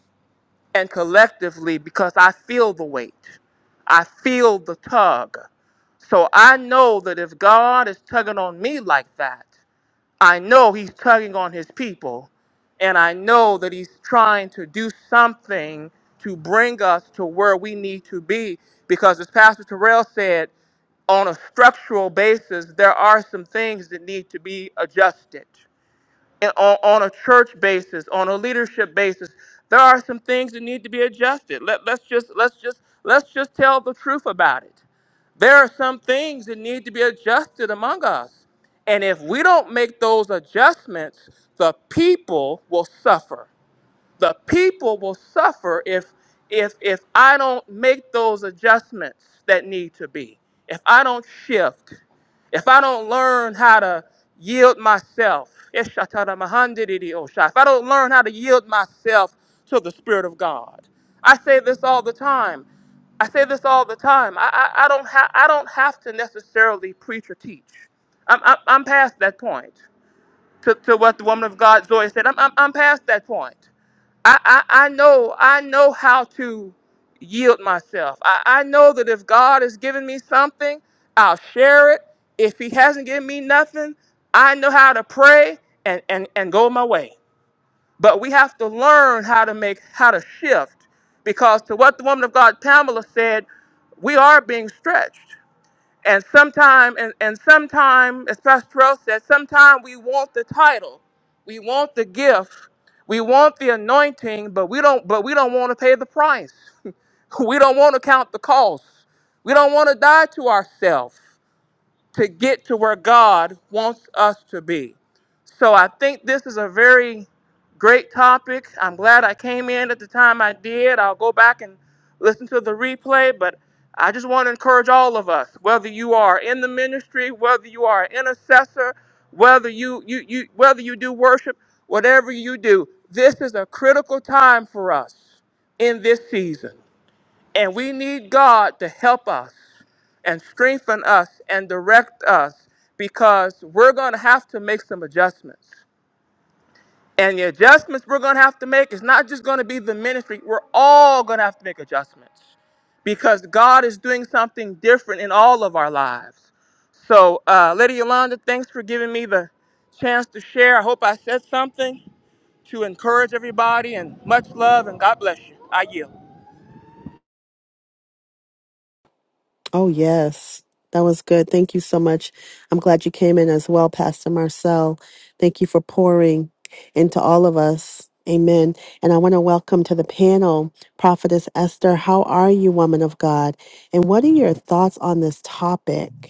[SPEAKER 6] and collectively because I feel the weight. I feel the tug. So I know that if God is tugging on me like that, I know He's tugging on His people. And I know that He's trying to do something to bring us to where we need to be. Because as Pastor Terrell said, on a structural basis, there are some things that need to be adjusted. And on, on a church basis, on a leadership basis, there are some things that need to be adjusted. Let, let's just let's just let's just tell the truth about it. There are some things that need to be adjusted among us. And if we don't make those adjustments, the people will suffer the people will suffer if if if I don't make those adjustments that need to be. If I don't shift, if I don't learn how to yield myself, Eshatadamahandididiyosha, if I don't learn how to yield myself to the Spirit of God, I say this all the time. I say this all the time. I, I, I don't have I don't have to necessarily preach or teach. I'm I'm, I'm past that point. To, to what the woman of God Zoe said, I'm, I'm I'm past that point. I, I, I know I know how to yield myself. I, I know that if God has given me something, I'll share it. If He hasn't given me nothing, I know how to pray and, and, and go my way. But we have to learn how to make how to shift because to what the woman of God Pamela said, we are being stretched. And sometime, and, and sometime, as Pastor Terrell said, sometime we want the title, we want the gift, we want the anointing, but we don't, but we don't want to pay the price. (laughs) we don't want to count the cost. We don't want to die to ourselves to get to where God wants us to be. So I think this is a very great topic. I'm glad I came in at the time I did. I'll go back and listen to the replay, but I just want to encourage all of us, whether you are in the ministry, whether you are an intercessor, whether you, you, you whether you do worship, whatever you do, this is a critical time for us in this season. And we need God to help us and strengthen us and direct us because we're going to have to make some adjustments. And the adjustments we're going to have to make is not just going to be the ministry. We're all going to have to make adjustments because God is doing something different in all of our lives. So, uh, Lady Yolanda, thanks for giving me the chance to share. I hope I said something to encourage everybody, and much love, and God bless you. I yield.
[SPEAKER 1] Oh, yes. That was good. Thank you so much. I'm glad you came in as well, Pastor Marcel. Thank you for pouring into all of us. Amen. And I want to welcome to the panel Prophetess Esther. How are you, woman of God? And what are your thoughts on this topic?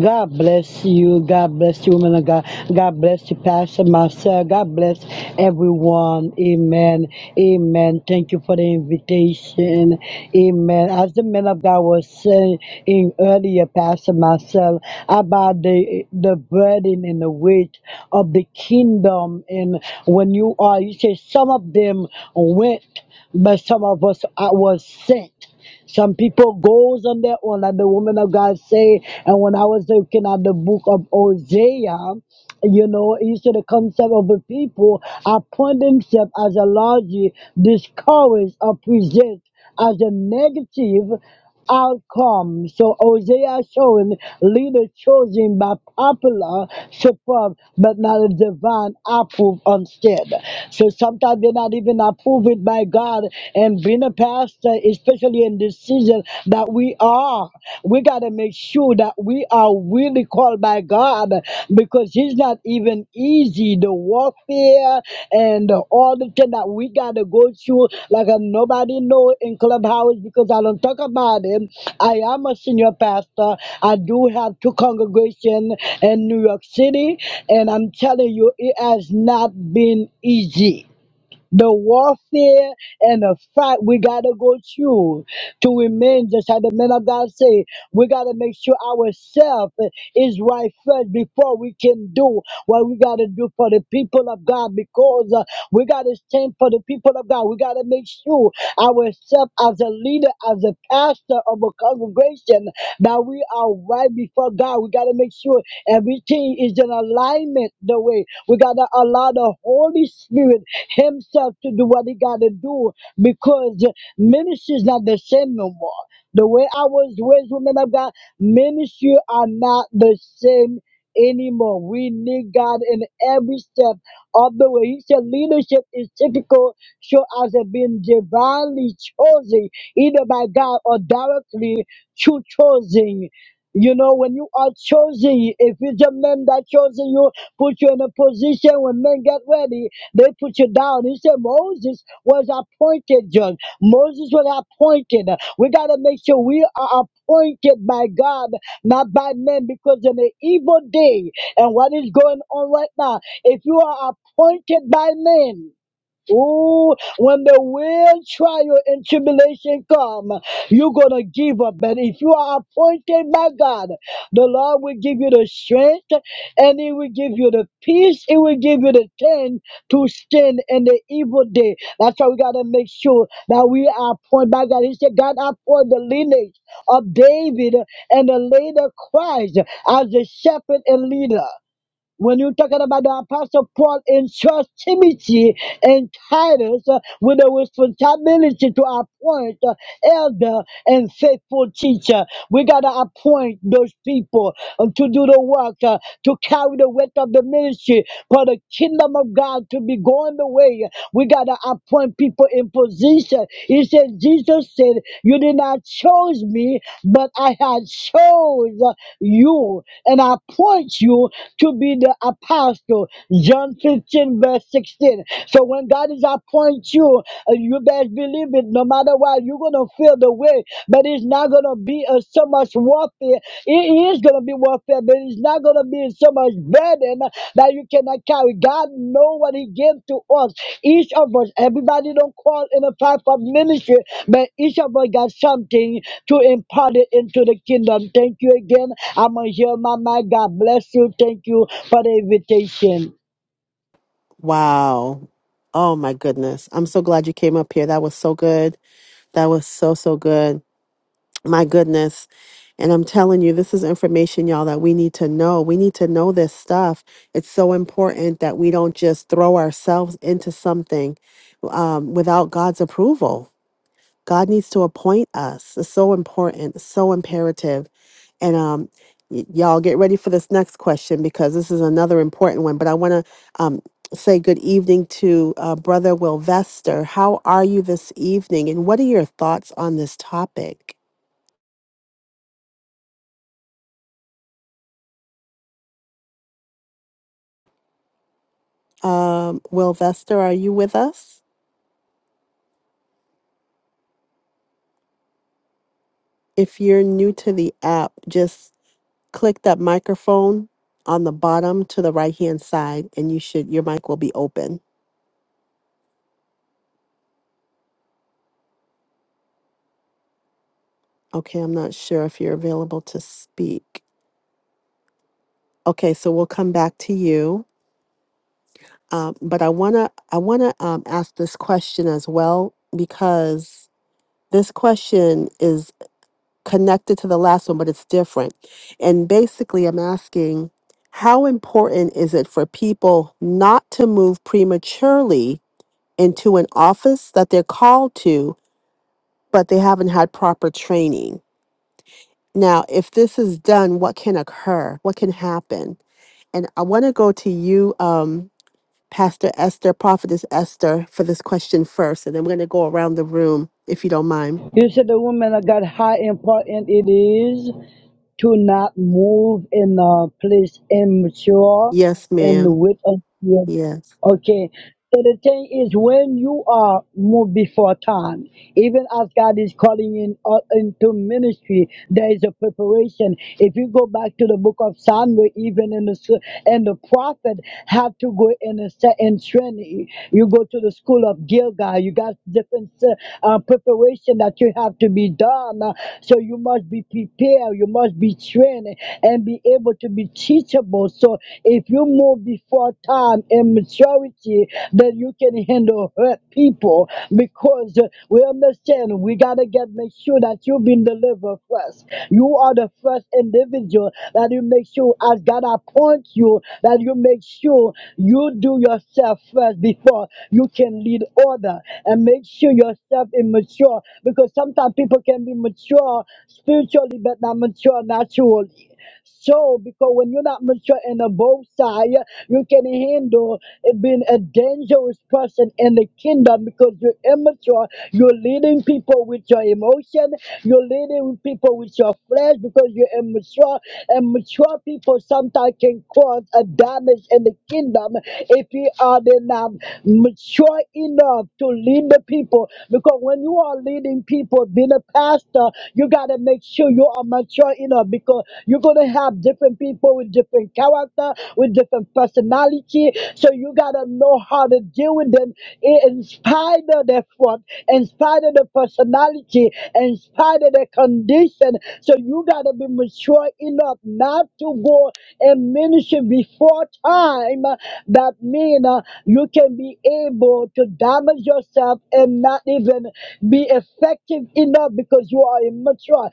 [SPEAKER 7] God bless you. God bless you, women of God. God bless you, Pastor Marcel. God bless everyone. Amen. Amen. Thank you for the invitation. Amen. As the men of God was saying in earlier, Pastor Marcel, about the the burden and the weight of the kingdom, and when you are, you say some of them went, but some of us uh, was sent. Some people goes on their own, like the woman of God say. And when I was looking at the book of Hosea, you know, he said the concept of the people appoint themselves as a largely discouraged or present as a negative outcome. So Hosea showing leader chosen by popular support, but not a divine approve instead. So sometimes they're not even approved by God. And being a pastor, especially in this season that we are, we gotta make sure that we are really called by God. Father, because it's not even easy. The warfare and the- all the thing that we got to go through, like uh, nobody know in Clubhouse because I don't talk about it. I am a senior pastor. I do have two congregations in New York City, and I'm telling you, it has not been easy the warfare and the fight we gotta go through to remain just how the men of God say we gotta make sure ourselves is right first before we can do what we gotta do for the people of God because uh, we gotta stand for the people of God we gotta make sure ourselves as a leader as a pastor of a congregation that we are right before God we gotta make sure everything is in alignment the way we gotta allow the Holy Spirit himself to do what he got to do because ministry is not the same no more. The way I was raised, women of God, ministry are not the same anymore. We need God in every step of the way. He said leadership is typical, show as it being divinely chosen, either by God or directly through choosing. You know, when you are chosen, if it's a man that chosen you, put you in a position when men get ready. They put you down. He said Moses was appointed, John. Moses was appointed. We got to make sure we are appointed by God, not by men, because in the evil day and what is going on right now, if you are appointed by men, Ooh, when the real trial and tribulation come, you're gonna give up. But if you are appointed by God, the Lord will give you the strength and He will give you the peace, He will give you the strength to stand in the evil day. That's why we gotta make sure that we are appointed by God. He said, God appointed the lineage of David and the later Christ as the shepherd and leader when you're talking about the apostle paul in church timothy and titus uh, with a responsibility to appoint uh, elder and faithful teacher we gotta appoint those people uh, to do the work uh, to carry the weight of the ministry for the kingdom of god to be going the way. We got to appoint people in position. He said, Jesus said, You did not choose me, but I had chose you and I appoint you to be the apostle. John 15, verse 16. So when God is appoint you, uh, you best believe it, no matter what, you're going to feel the way, but it's not going to be uh, so much warfare it is going to be warfare, but it's not going to be so much burden that you cannot carry. God know what He gave to us. Each of us, everybody don't call in a path of ministry, but each of us got something to impart it into the kingdom. Thank you again. I'm going to hear my mind. God bless you. Thank you for the invitation.
[SPEAKER 1] Wow. Oh my goodness. I'm so glad you came up here. That was so good. That was so, so good. My goodness. And I'm telling you, this is information, y'all, that we need to know. We need to know this stuff. It's so important that we don't just throw ourselves into something um, without God's approval. God needs to appoint us. It's so important, so imperative. And um, y- y'all get ready for this next question because this is another important one. But I want to um, say good evening to uh, Brother Wilvester. How are you this evening? And what are your thoughts on this topic? Um, Wilvester, are you with us? If you're new to the app, just click that microphone on the bottom to the right hand side and you should your mic will be open. Okay, I'm not sure if you're available to speak. Okay, so we'll come back to you. Um, but I wanna I wanna um, ask this question as well because this question is connected to the last one, but it's different. And basically, I'm asking, how important is it for people not to move prematurely into an office that they're called to, but they haven't had proper training? Now, if this is done, what can occur? What can happen? And I want to go to you, um, Pastor Esther, Prophetess Esther, for this question first, and then we're going to go around the room, if you don't mind.
[SPEAKER 7] You said the woman of God, how important it is to not move in a place immature
[SPEAKER 1] Yes,
[SPEAKER 7] and
[SPEAKER 1] ma'am.
[SPEAKER 7] with us.
[SPEAKER 1] Yes.
[SPEAKER 7] Okay. So the thing is, when you are moved before time, even as God is calling in uh, into ministry, there is a preparation. If you go back to the book of Samuel, even in the s- and the prophet have to go in a certain training. You go to the school of Gilgal. You got different uh, preparation that you have to be done. Uh, So you must be prepared. You must be trained and be able to be teachable. So if you move before before time and maturity that you can handle hurt people because uh, we understand we gotta get make sure that you've been delivered first. You are the first individual that you make sure as God appoints you that you make sure you do yourself first before you can lead order and make sure yourself is mature because sometimes people can be mature spiritually but not mature naturally. So, because when you're not mature in the both side, you can handle it being a dangerous person in the kingdom because you're immature. You're leading people with your emotion. You're leading people with your flesh because you're immature. And mature people sometimes can cause a damage in the kingdom if you are then not mature enough to lead the people. Because when you are leading people, being a pastor, you gotta make sure you are mature enough because you're going to have different people with different character, with different personality. So you got to know how to deal with them in in spite of their front, in spite of the personality, in spite of their condition. So you got to be mature enough not to go and ministry before time. That means you can be able to damage yourself and not even be effective enough because you are immature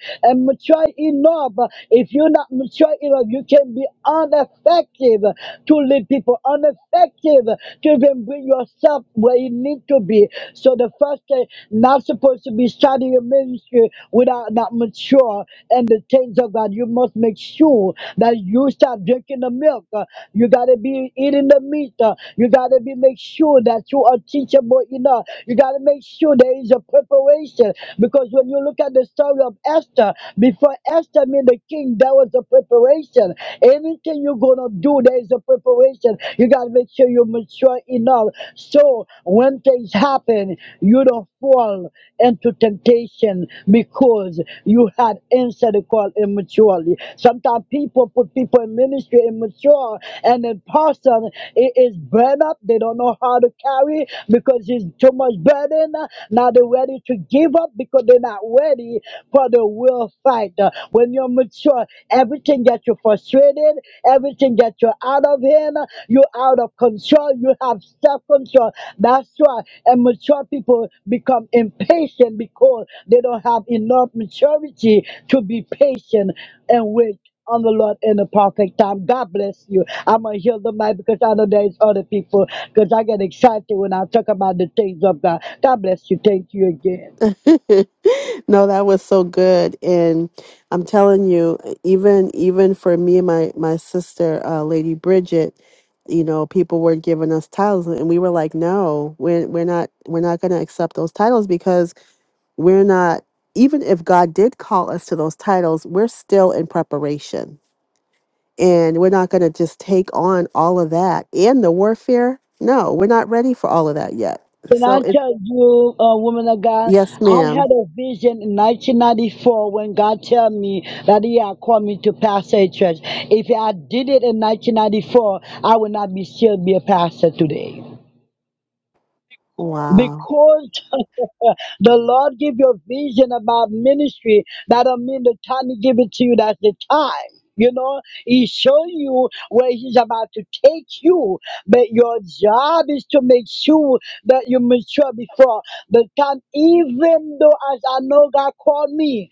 [SPEAKER 7] mature enough, if you're not mature enough, you can be ineffective to lead people, ineffective to even bring yourself where you need to be. So the first thing, not supposed to be starting your ministry without not mature and the things of God. You must make sure that you start drinking the milk. Uh, You gotta be eating the meat. Uh, You gotta be make sure that you are teachable enough. You gotta make sure there is a preparation because when you look at the story of of Esther. Before Esther met the king, there was a preparation. Anything you're gonna do, there is a preparation. You gotta make sure you're mature enough. So when things happen, you don't fall into temptation because you had answered the call immaturely. Sometimes people put people in ministry immature, and in person it is burned up. They don't know how to carry because it's too much burden. Now they're ready to give up because they're not not ready for the real fight. Uh, When you're mature, everything that you're frustrated, everything that you're out of hand, uh, you're out of control, you have self control. That's why immature people become impatient because they don't have enough maturity to be patient and wait on the Lord in the perfect time. God bless you. I'm gonna heal the mic because I know there's other people because I get excited when I talk about the things of God. God bless you. Thank you again.
[SPEAKER 1] (laughs) no, that was so good, and I'm telling you, even even for me and my my sister, uh, Lady Bridget, you know, people were giving us titles, and we were like, no, we're we're not we're not going to accept those titles because We're not, even if God did call us to those titles, we're still in preparation. And we're not going to just take on all of that and the warfare. No, we're not ready for all of that yet.
[SPEAKER 7] Can
[SPEAKER 1] So
[SPEAKER 7] I
[SPEAKER 1] it,
[SPEAKER 7] tell you, uh, woman of God,
[SPEAKER 1] yes,
[SPEAKER 7] I
[SPEAKER 1] ma'am.
[SPEAKER 7] had a vision in 1994 when God tell me that He had called me to pastor a church. If I did it in 1994, I would not be still be a pastor today
[SPEAKER 1] Wow.
[SPEAKER 7] because (laughs) the Lord give you a vision about ministry, that don't mean the time He give it to you. That's the time. You know, He show you where He's about to take you, but your job is to make sure that you mature before the time. Even though, as I know, God called me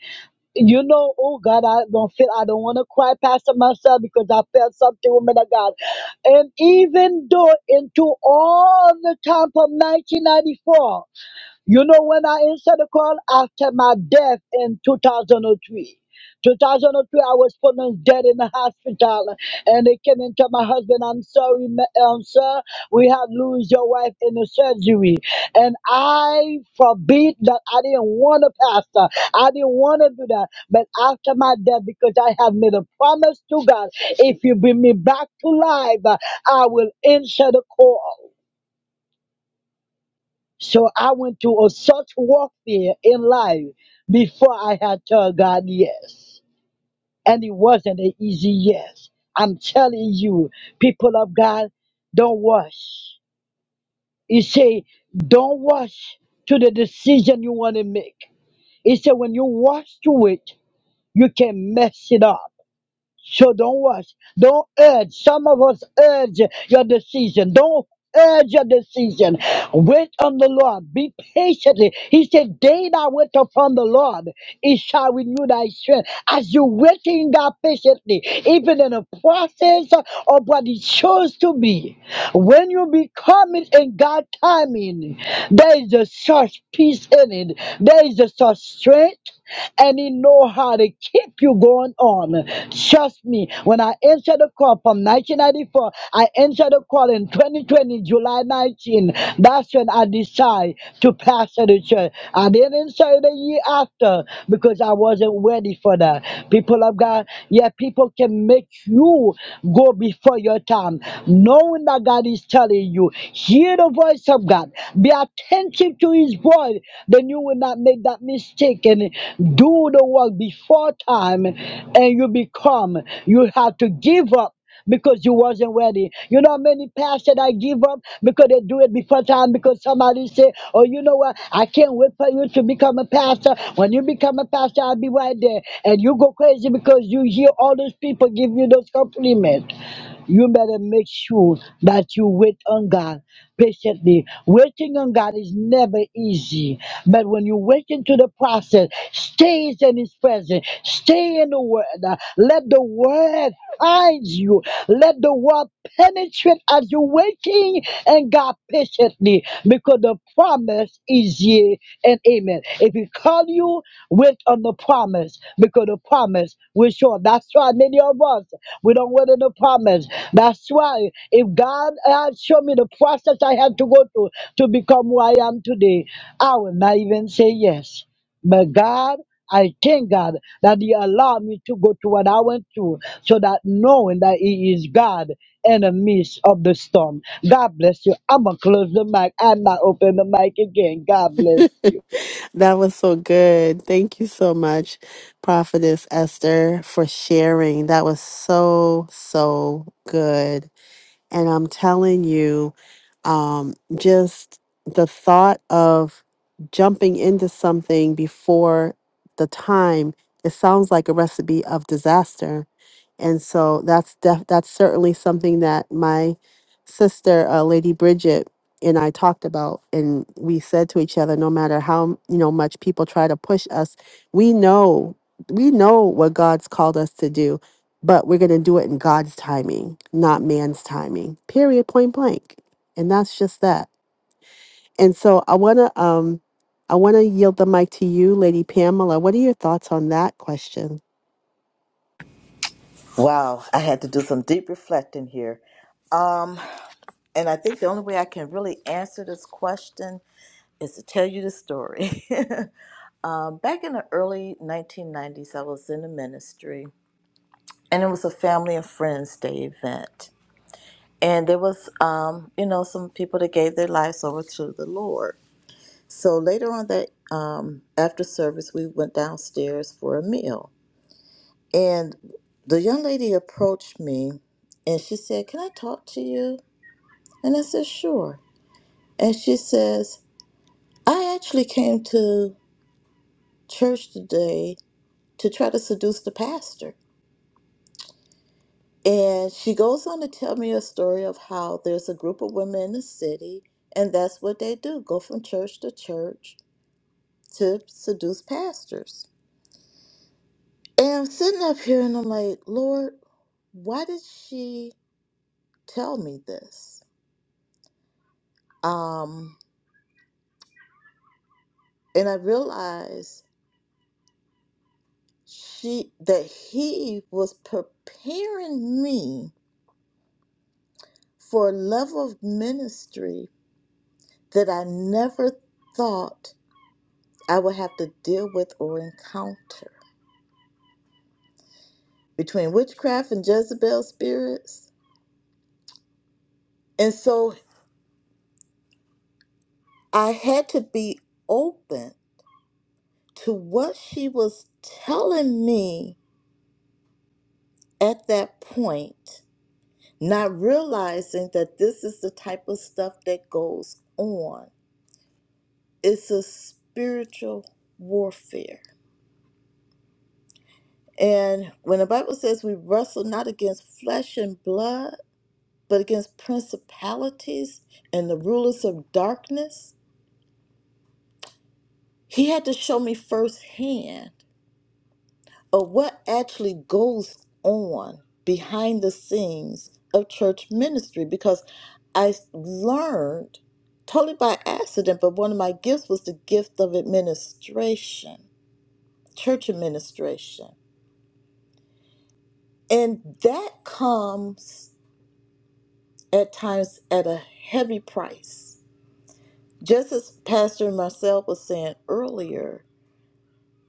[SPEAKER 7] you know, oh God, I don't feel, I don't want to cry, Pastor Marcel, because I felt something, woman of God. And even though into all the time from 1994. You know, when I answered the call after my death in 2003, 2003, I was pronounced dead in the hospital, and they came and told my husband, "I'm sorry, ma- um, sir, we have lose your wife in the surgery." And I forbid that I didn't want to pastor, I didn't want to do that. But after my death, because I have made a promise to God, if you bring me back to life, I will answer the call. So I went through a, such warfare in life before I had told God yes. And it wasn't an easy yes. I'm telling you, people of God, don't rush. He say, don't rush to the decision you want to make. He said, when you rush to it, you can mess it up. So don't rush. Don't urge. Some of us urge your decision. Don't urge your decision. Wait on the Lord. Be patiently. He said, Day that wait upon the Lord, it shall renew thy strength. As you waiting God patiently, even in the process of what He chose to be, when you be coming in God's timing, there is a such peace in it. There is a such strength strength and he know how to keep you going on. Trust me, when I entered the call from 1994, I entered the call in 2020, July 19. That's when I decided to pastor the church. I didn't say the year after because I wasn't ready for that. People of God, yeah, people can make you go before your time, knowing that God is telling you, hear the voice of God. God. Be attentive to his voice, then you will not make that mistake and do the work before time and you become. You have to give up because you wasn't ready. You know many pastors I give up because they do it before time because somebody say, Oh, you know what? I can't wait for you to become a pastor. When you become a pastor, I'll be right there. And you go crazy because you hear all those people give you those compliments. You better make sure that you wait on God patiently. Waiting on God is never easy, but when you wait into the process, stays in His presence, stay in the Word. Uh, Let the Word find you. Let the Word penetrate as you're waiting and God patiently, because the promise is yea and amen. If He call you, wait on the promise, because the promise. We're sure. That's why many of us, we don't wait on the promise. That's why if God had shown me the process I had to go through to become who I am today, I would not even say yes. But God, I thank God that He allowed me to go through what I went through so that knowing that He is God in the midst of the storm. God bless you. I'm going to close the mic. I'm not open the mic again. God bless you.
[SPEAKER 1] That was so good. Thank you so much, Prophetess Esther, for sharing. That was so, so good. And I'm telling you, um, just the thought of jumping into something before the time, it sounds like a recipe of disaster. And so that's def- that's certainly something that my sister, uh, Lady Bridget, and I talked about, and we said to each other, no matter how you know much people try to push us, we know we know what God's called us to do but we're going to do it in God's timing, not man's timing. Period, point blank. And that's just that. And so I want to um I want to yield the mic to you, Lady Pamela. What are your thoughts on that question?
[SPEAKER 3] Wow, I had to do some deep reflecting here. Um, Um, and I think the only way I can really answer this question is to tell you the story. (laughs) um, back in the early 1990s, I was in the ministry, and it was a family and friends day event. And there was, um, you know, some people that gave their lives over to the Lord. So later on that um, after service, we went downstairs for a meal, and the young lady approached me, and she said, "Can I talk to you?" And I said, "Sure." And she says, "I actually came to church today to try to seduce the pastor. And she goes on to tell me a story of how there's a group of women in the city, and that's what they do go from church to church to seduce pastors. And I'm sitting up here and I'm like, Lord, why did she tell me this? Um, and I realized she that he was preparing me for a level of ministry that I never thought I would have to deal with or encounter between witchcraft and Jezebel spirits. And so I had to be open to what she was telling me at that point, not realizing that this is the type of stuff that goes on. It's a spiritual warfare. And when the Bible says we wrestle not against flesh and blood, but against principalities and the rulers of darkness. He had to show me firsthand of what actually goes on behind the scenes of church ministry because I learned totally by accident, but one of my gifts was the gift of administration, church administration. And that comes at times at a heavy price. Just as Pastor Marcel was saying earlier,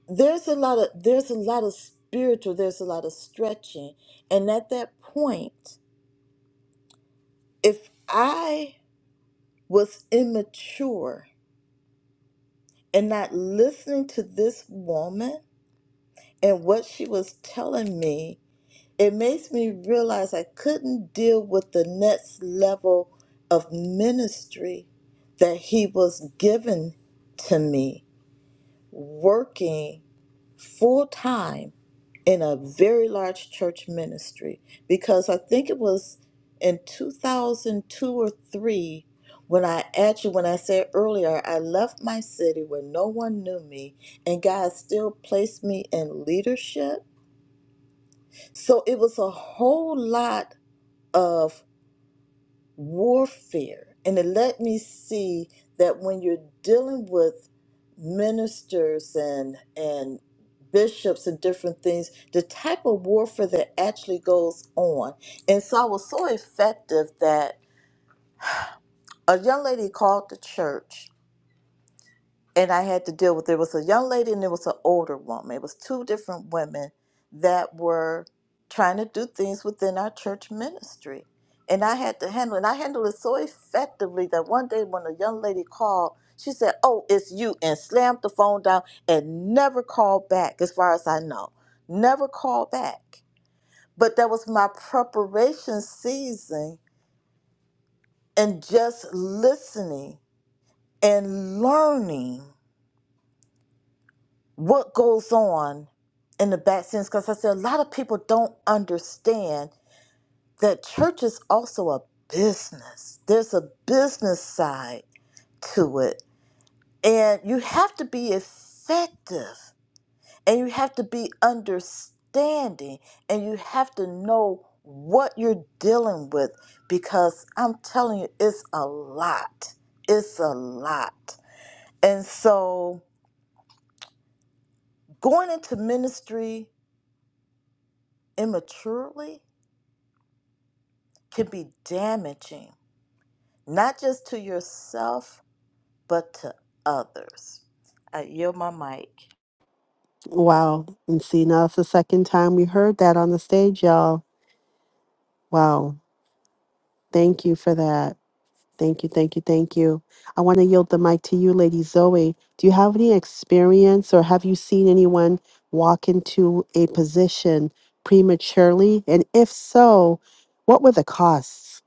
[SPEAKER 3] there's a lot of there's a lot of spiritual there's a lot of stretching and at that point if i was immature and not listening to this woman and what she was telling me it makes me realize i couldn't deal with the next level of ministry that he was given to me working full time in a very large church ministry because I think it was in 2002 or 3 when I actually when I said earlier I left my city where no one knew me and God still placed me in leadership so it was a whole lot of warfare. And it let me see that when you're dealing with ministers and and bishops and different things, the type of warfare that actually goes on. And so I was so effective that a young lady called the church and I had to deal with there was a young lady and there was an older woman. It was two different women that were trying to do things within our church ministry. And I had to handle it. And I handled it so effectively that one day when the young lady called, she said, Oh, it's you, and slammed the phone down and never called back, as far as I know. Never called back. But that was my preparation season and just listening and learning what goes on in the back sense because I said a lot of people don't understand that church is also a business. There's a business side to it. And you have to be effective and you have to be understanding and you have to know what you're dealing with because I'm telling you, it's a lot. It's a lot. And so going into ministry immaturely can be damaging, not just to yourself, but to others. I yield my mic.
[SPEAKER 1] Wow. And see, now it's the second time we heard that on the stage, y'all. Wow. Thank you for that. Thank you, thank you, thank you. I want to yield the mic to you, Lady Zoe. Do you have any experience or have you seen anyone walk into a position prematurely? And if so, what were the costs?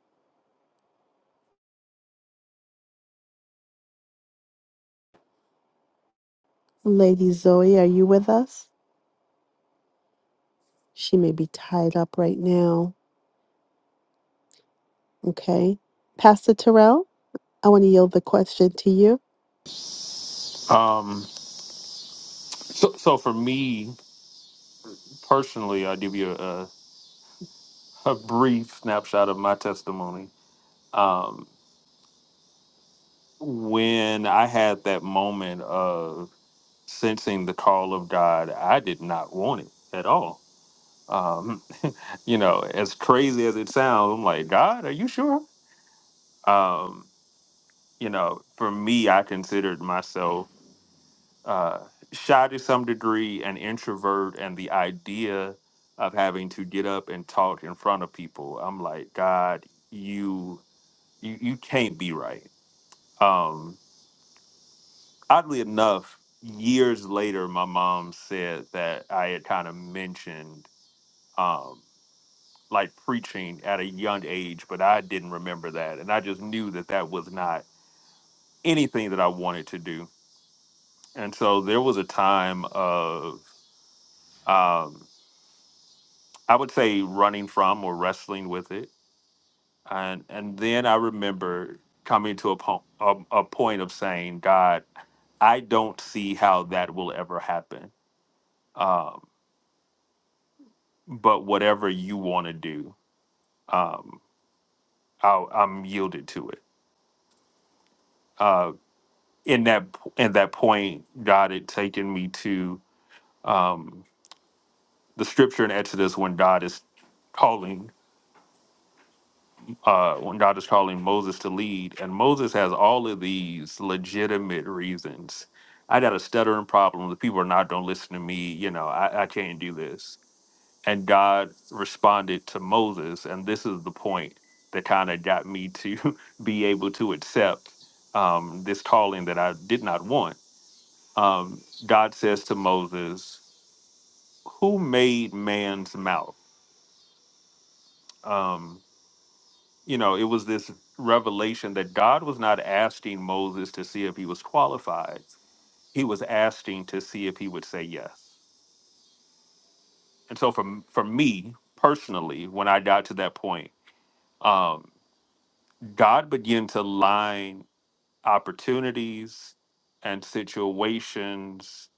[SPEAKER 1] Lady Zoe, are you with us? She may be tied up right now. Okay. Pastor Terrell, I want to yield the question to you.
[SPEAKER 4] Um, so, so for me, personally, I'll give you a, a brief snapshot of my testimony. Um, when I had that moment of sensing the call of God, I did not want it at all. Um, (laughs) you know, as crazy as it sounds, I'm like, God, are you sure? Um, you know, for me, I considered myself uh, shy to some degree, an introvert, and the idea of having to get up and talk in front of people, I'm like, God, you you you can't be right. Um, oddly enough, years later, my mom said that I had kind of mentioned um, like preaching at a young age, but I didn't remember that, and I just knew that that was not anything that I wanted to do. And so there was a time of um, I would say running from or wrestling with it, and and then I remember coming to a, po- a, a point of saying, God, I don't see how that will ever happen Um, but whatever you want to do, um, I'll, I'm yielded to it. Uh, in that in that point, God had taken me to um, the scripture in Exodus when God is calling uh, when God is calling Moses to lead, and Moses has all of these legitimate reasons. I got a stuttering problem. The people are not going to listen to me. You know, I, I can't do this and God responded to Moses, and this is the point that kind of got me to (laughs) be able to accept um, this calling that I did not want. Um, God says to Moses, "Who made man's mouth?" Um, you know, it was this revelation that God was not asking Moses to see if he was qualified; He was asking to see if he would say yes. And so, for for me personally, when I got to that point, um, God began to line opportunities and situations.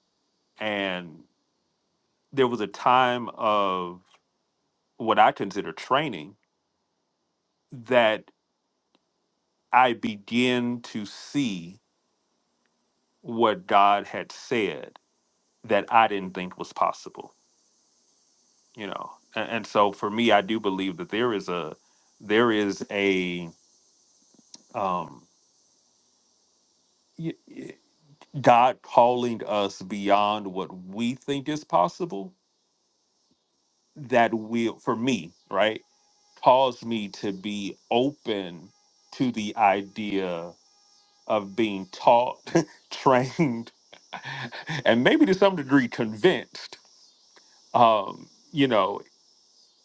[SPEAKER 4] And there was a time of what I consider training that I began to see what God had said that I didn't think was possible, you know. And, and so for me, I do believe that there is a, there is a, um, y- y- God calling us beyond what we think is possible that will for me right caused me to be open to the idea of being taught (laughs) trained (laughs) and maybe to some degree convinced um you know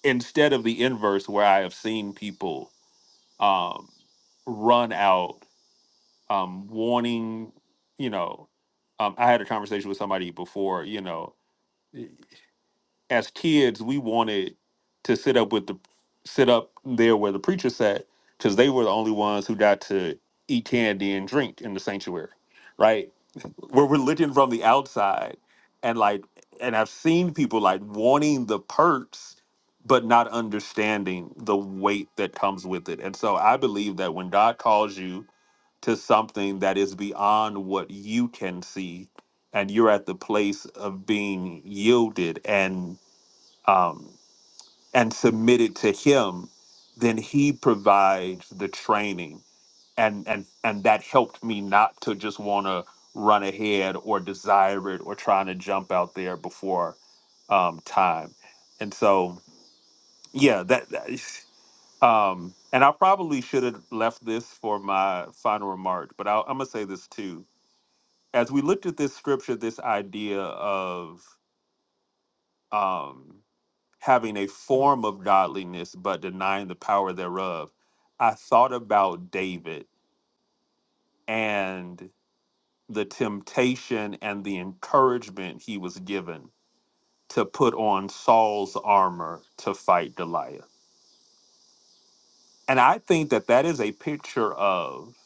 [SPEAKER 4] instead of the inverse where i have seen people um run out um wanting you know um i had a conversation with somebody before you know as kids we wanted to sit up with the sit up there where the preacher sat because they were the only ones who got to eat candy and drink in the sanctuary right we're religion from the outside and like and i've seen people like wanting the perks but not understanding the weight that comes with it and so i believe that when god calls you to something that is beyond what you can see and you're at the place of being yielded and um, and submitted to him, then he provides the training, and and and that helped me not to just want to run ahead or desire it or trying to jump out there before um, time, and so yeah, that. that is- um, and I probably should have left this for my final remark, but I'll, I'm gonna say this too. As we looked at this scripture, this idea of um, having a form of godliness but denying the power thereof. I thought about David and the temptation and the encouragement he was given to put on Saul's armor to fight Goliath. And I think that that is a picture of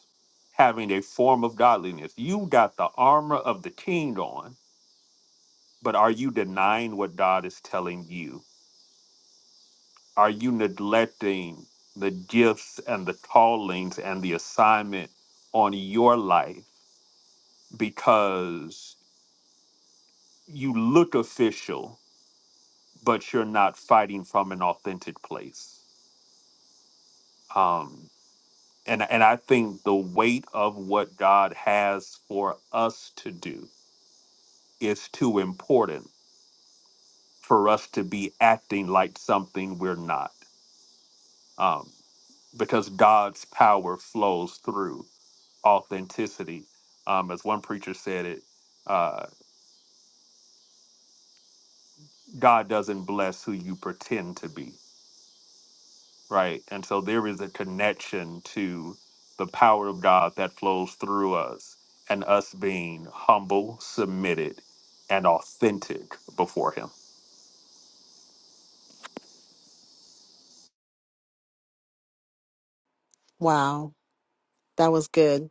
[SPEAKER 4] having a form of godliness. You got the armor of the king on, but are you denying what God is telling you? Are you neglecting the gifts and the callings and the assignment on your life because you look official, but you're not fighting from an authentic place? Um, and, and I think the weight of what God has for us to do is too important for us to be acting like something we're not. Um, because God's power flows through authenticity. Um, as one preacher said it, uh, God doesn't bless who you pretend to be, right? And so there is a connection to the power of God that flows through us and us being humble, submitted, and authentic before Him.
[SPEAKER 1] Wow, that was good.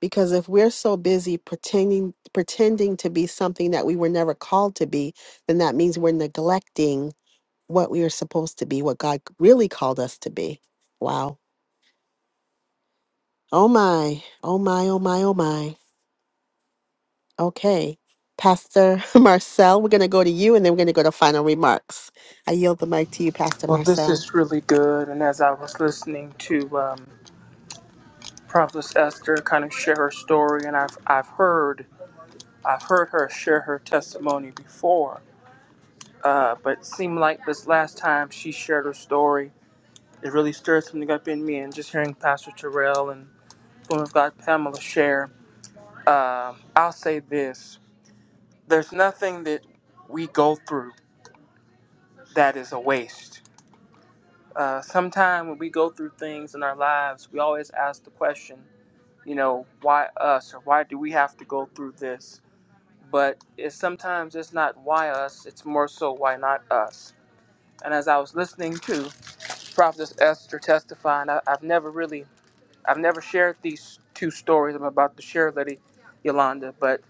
[SPEAKER 1] Because if we're so busy pretending pretending to be something that we were never called to be, then that means we're neglecting what we are supposed to be, what God really called us to be. Wow. Oh my. Oh my, oh my, oh my. Okay. Pastor (laughs) Marcel, we're going to go to you and then we're going to go to final remarks. I yield the mic to you, Pastor
[SPEAKER 6] Well, this
[SPEAKER 1] Marcel.
[SPEAKER 6] is really good. And as I was listening to um, Prophetess Esther kind of share her story, and I've, I've heard I've heard her share her testimony before Uh, but it seemed like this last time she shared her story, it really stirred something up in me. And just hearing Pastor Terrell and Woman of God Pamela share, uh, I'll say this there's nothing that we go through that is a waste. Uh, Sometimes when we go through things in our lives, we always ask the question, you know, why us or why do we have to go through this? But it's sometimes it's not why us, it's more so why not us. And as I was listening to Prophetess Esther testifying. I, I've never really, I've never shared these two stories I'm about to share, Lady Yolanda, but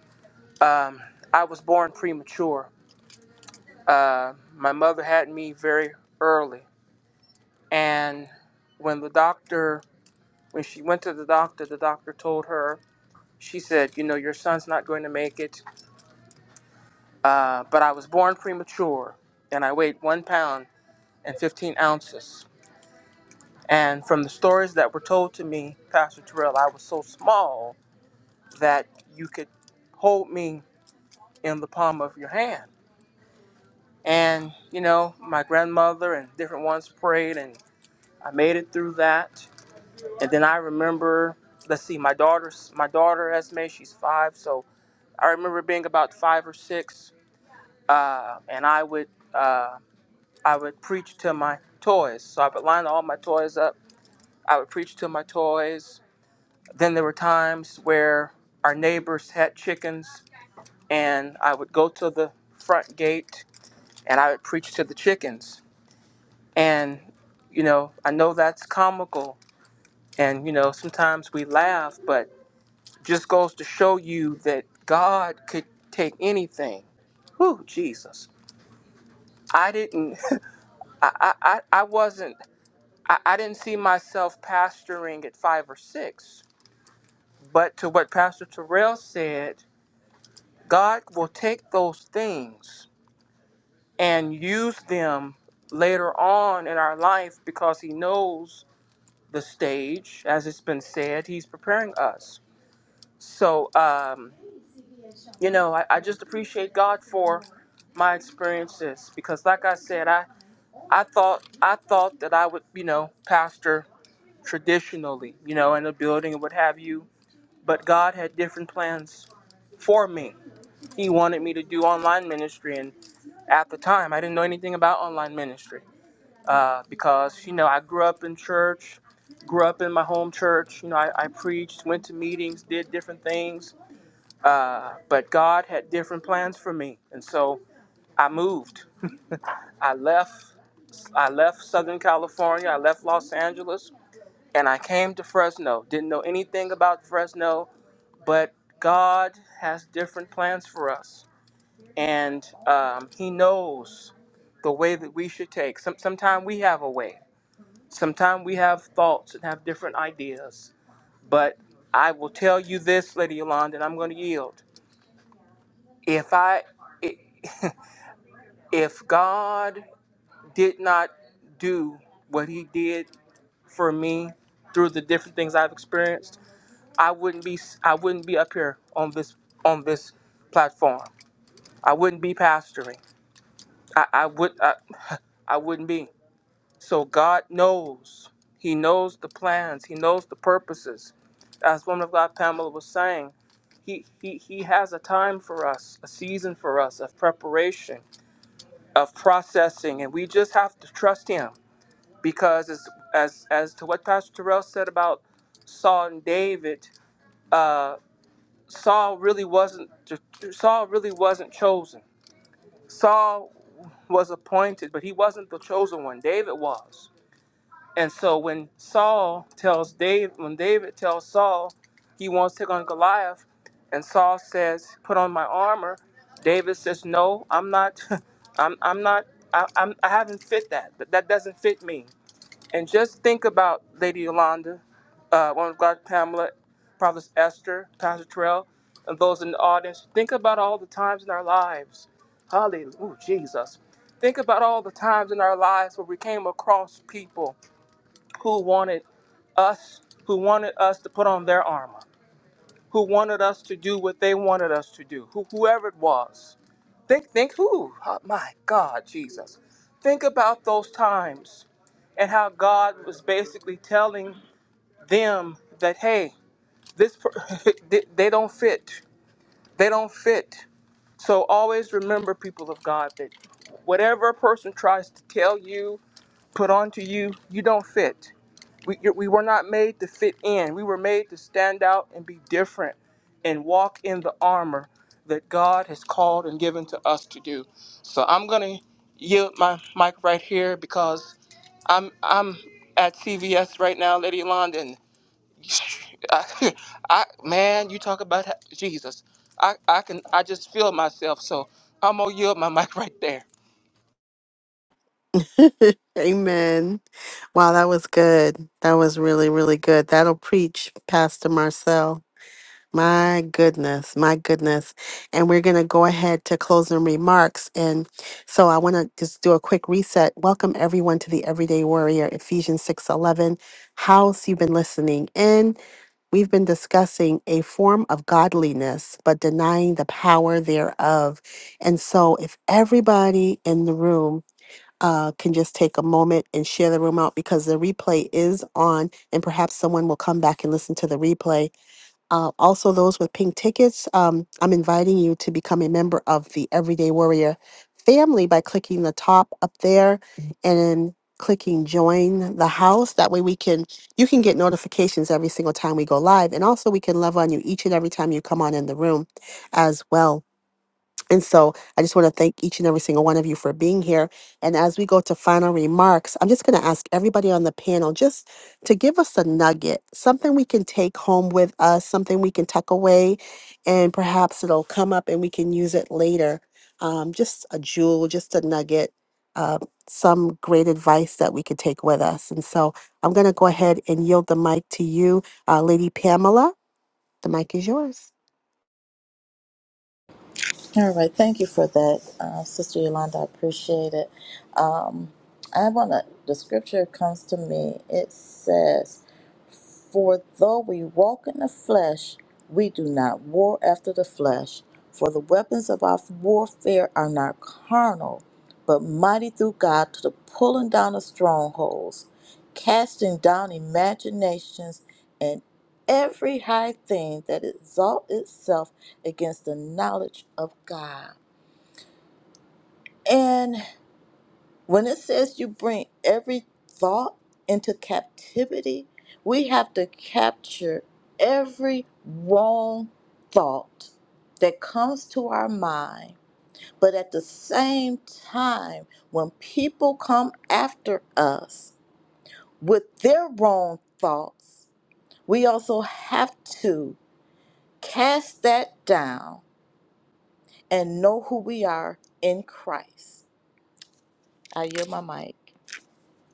[SPEAKER 6] um, I was born premature. Uh, my mother had me very early. And when the doctor, when she went to the doctor, the doctor told her, she said, You know, your son's not going to make it, uh, but I was born premature and I weighed one pound and 15 ounces. And from the stories that were told to me, Pastor Terrell, I was so small that you could hold me in the palm of your hand. And, you know, my grandmother and different ones prayed and I made it through that. And then I remember, let's see, my daughter's my daughter Esme, she's five, so I remember being about five or six, uh, and I would uh, I would preach to my toys. So I would line all my toys up. I would preach to my toys. Then there were times where our neighbors had chickens and I would go to the front gate and I would preach to the chickens. And, you know, I know that's comical and, you know, sometimes we laugh, but just goes to show you that God could take anything. Whew, Jesus. I didn't, (laughs) I, I, I I wasn't, I, I didn't see myself pastoring at five or six. But to what Pastor Terrell said, God will take those things and use them later on in our life because he knows the stage as it's been said he's preparing us so um, you know I, I just appreciate god for my experiences because like i said i i thought i thought that i would you know pastor traditionally you know in a building and what have you but god had different plans for me he wanted me to do online ministry and at the time i didn't know anything about online ministry uh, because you know I grew up in church, grew up in my home church. You know, I, I preached, went to meetings, did different things, uh, but God had different plans for me, and so I moved. I left. I left Southern California. I left Los Angeles, and I came to Fresno. Didn't know anything about Fresno, but God has different plans for us, and um, He knows the way that we should take. Some, sometimes we have a way. Sometimes we have thoughts and have different ideas, but I will tell you this, Lady Yolanda, and I'm going to yield. If I, i- (laughs) if God did not do what He did for me through the different things I've experienced, I wouldn't be, I wouldn't be up here on this, on this platform. I wouldn't be pastoring. I, I would, I, I wouldn't be. So God knows. He knows the plans. He knows the purposes. As woman of God Pamela was saying, he, he, he has a time for us, a season for us of preparation, of processing, and we just have to trust him. Because as as, as to what Pastor Terrell said about Saul and David, uh, Saul really wasn't Saul really wasn't chosen. Saul was appointed, but he wasn't the chosen one. David was. And so when Saul tells David, when David tells Saul he wants to take on Goliath, and Saul says, "Put on my armor," David says, "No, I'm not. (laughs) I'm, I'm not. I, I'm, I haven't fit that. That that doesn't fit me." And just think about Lady Yolanda, uh, one of God, Pamela, Prophet Esther, Pastor Terrell, and those in the audience. Think about all the times in our lives. Hallelujah, Jesus. Think about all the times in our lives where we came across people who wanted us who wanted us to put on their armor, who wanted us to do what they wanted us to do, who, whoever it was. Think, think who? Oh, my God, Jesus. Think about those times and how God was basically telling them that, hey, this per- (laughs) they they don't fit. They don't fit. So always remember, people of God, that whatever a person tries to tell you put onto you, you don't fit. We, we were not made to fit in. We were made to stand out and be different and walk in the armor that God has called and given to us to do. So I'm going to yield my mic right here because I'm I'm at CVS right now, Lady London. (laughs) I, I man, you talk about Jesus. I, I can I just feel myself. So I'm gonna yield my mic right there.
[SPEAKER 1] (laughs) Amen. Wow, that was good. That was really, really good. That'll preach, Pastor Marcel. My goodness, my goodness. And we're going to go ahead to closing remarks. And so I want to just do a quick reset. Welcome everyone to the Everyday Warrior Ephesians 6:11 house. You've been listening in. We've been discussing a form of godliness, but denying the power thereof. And so, if everybody in the room uh, can just take a moment and share the room out because the replay is on, and perhaps someone will come back and listen to the replay uh, also, those with pink tickets, um, I'm inviting you to become a member of the Everyday Warrior family by clicking the top up there and then clicking join the house. That way, we can you can get notifications every single time we go live, and also we can love on you each and every time you come on in the room as well. And so I just want to thank each and every single one of you for being here. And as we go to final remarks, I'm just going to ask everybody on the panel just to give us a nugget, something we can take home with us, something we can tuck away, and perhaps it'll come up and we can use it later. Um, just a jewel, just a nugget, uh, some great advice that we could take with us. And so I'm going to go ahead and yield the mic to you, uh, Lady Pamela. The mic is yours.
[SPEAKER 3] All right, thank you for that, uh, Sister Yolanda. I appreciate it. Um, I want to, the scripture comes to me. It says, For though we walk in the flesh, we do not war after the flesh. For the weapons of our warfare are not carnal, but mighty through God to the pulling down of strongholds, casting down imaginations, and every high thing that exalts itself against the knowledge of God. And when it says you bring every thought into captivity, we have to capture every wrong thought that comes to our mind. But at the same time, when people come after us with their wrong thoughts, we also have to cast that down and know who we are in Christ I yield my mic.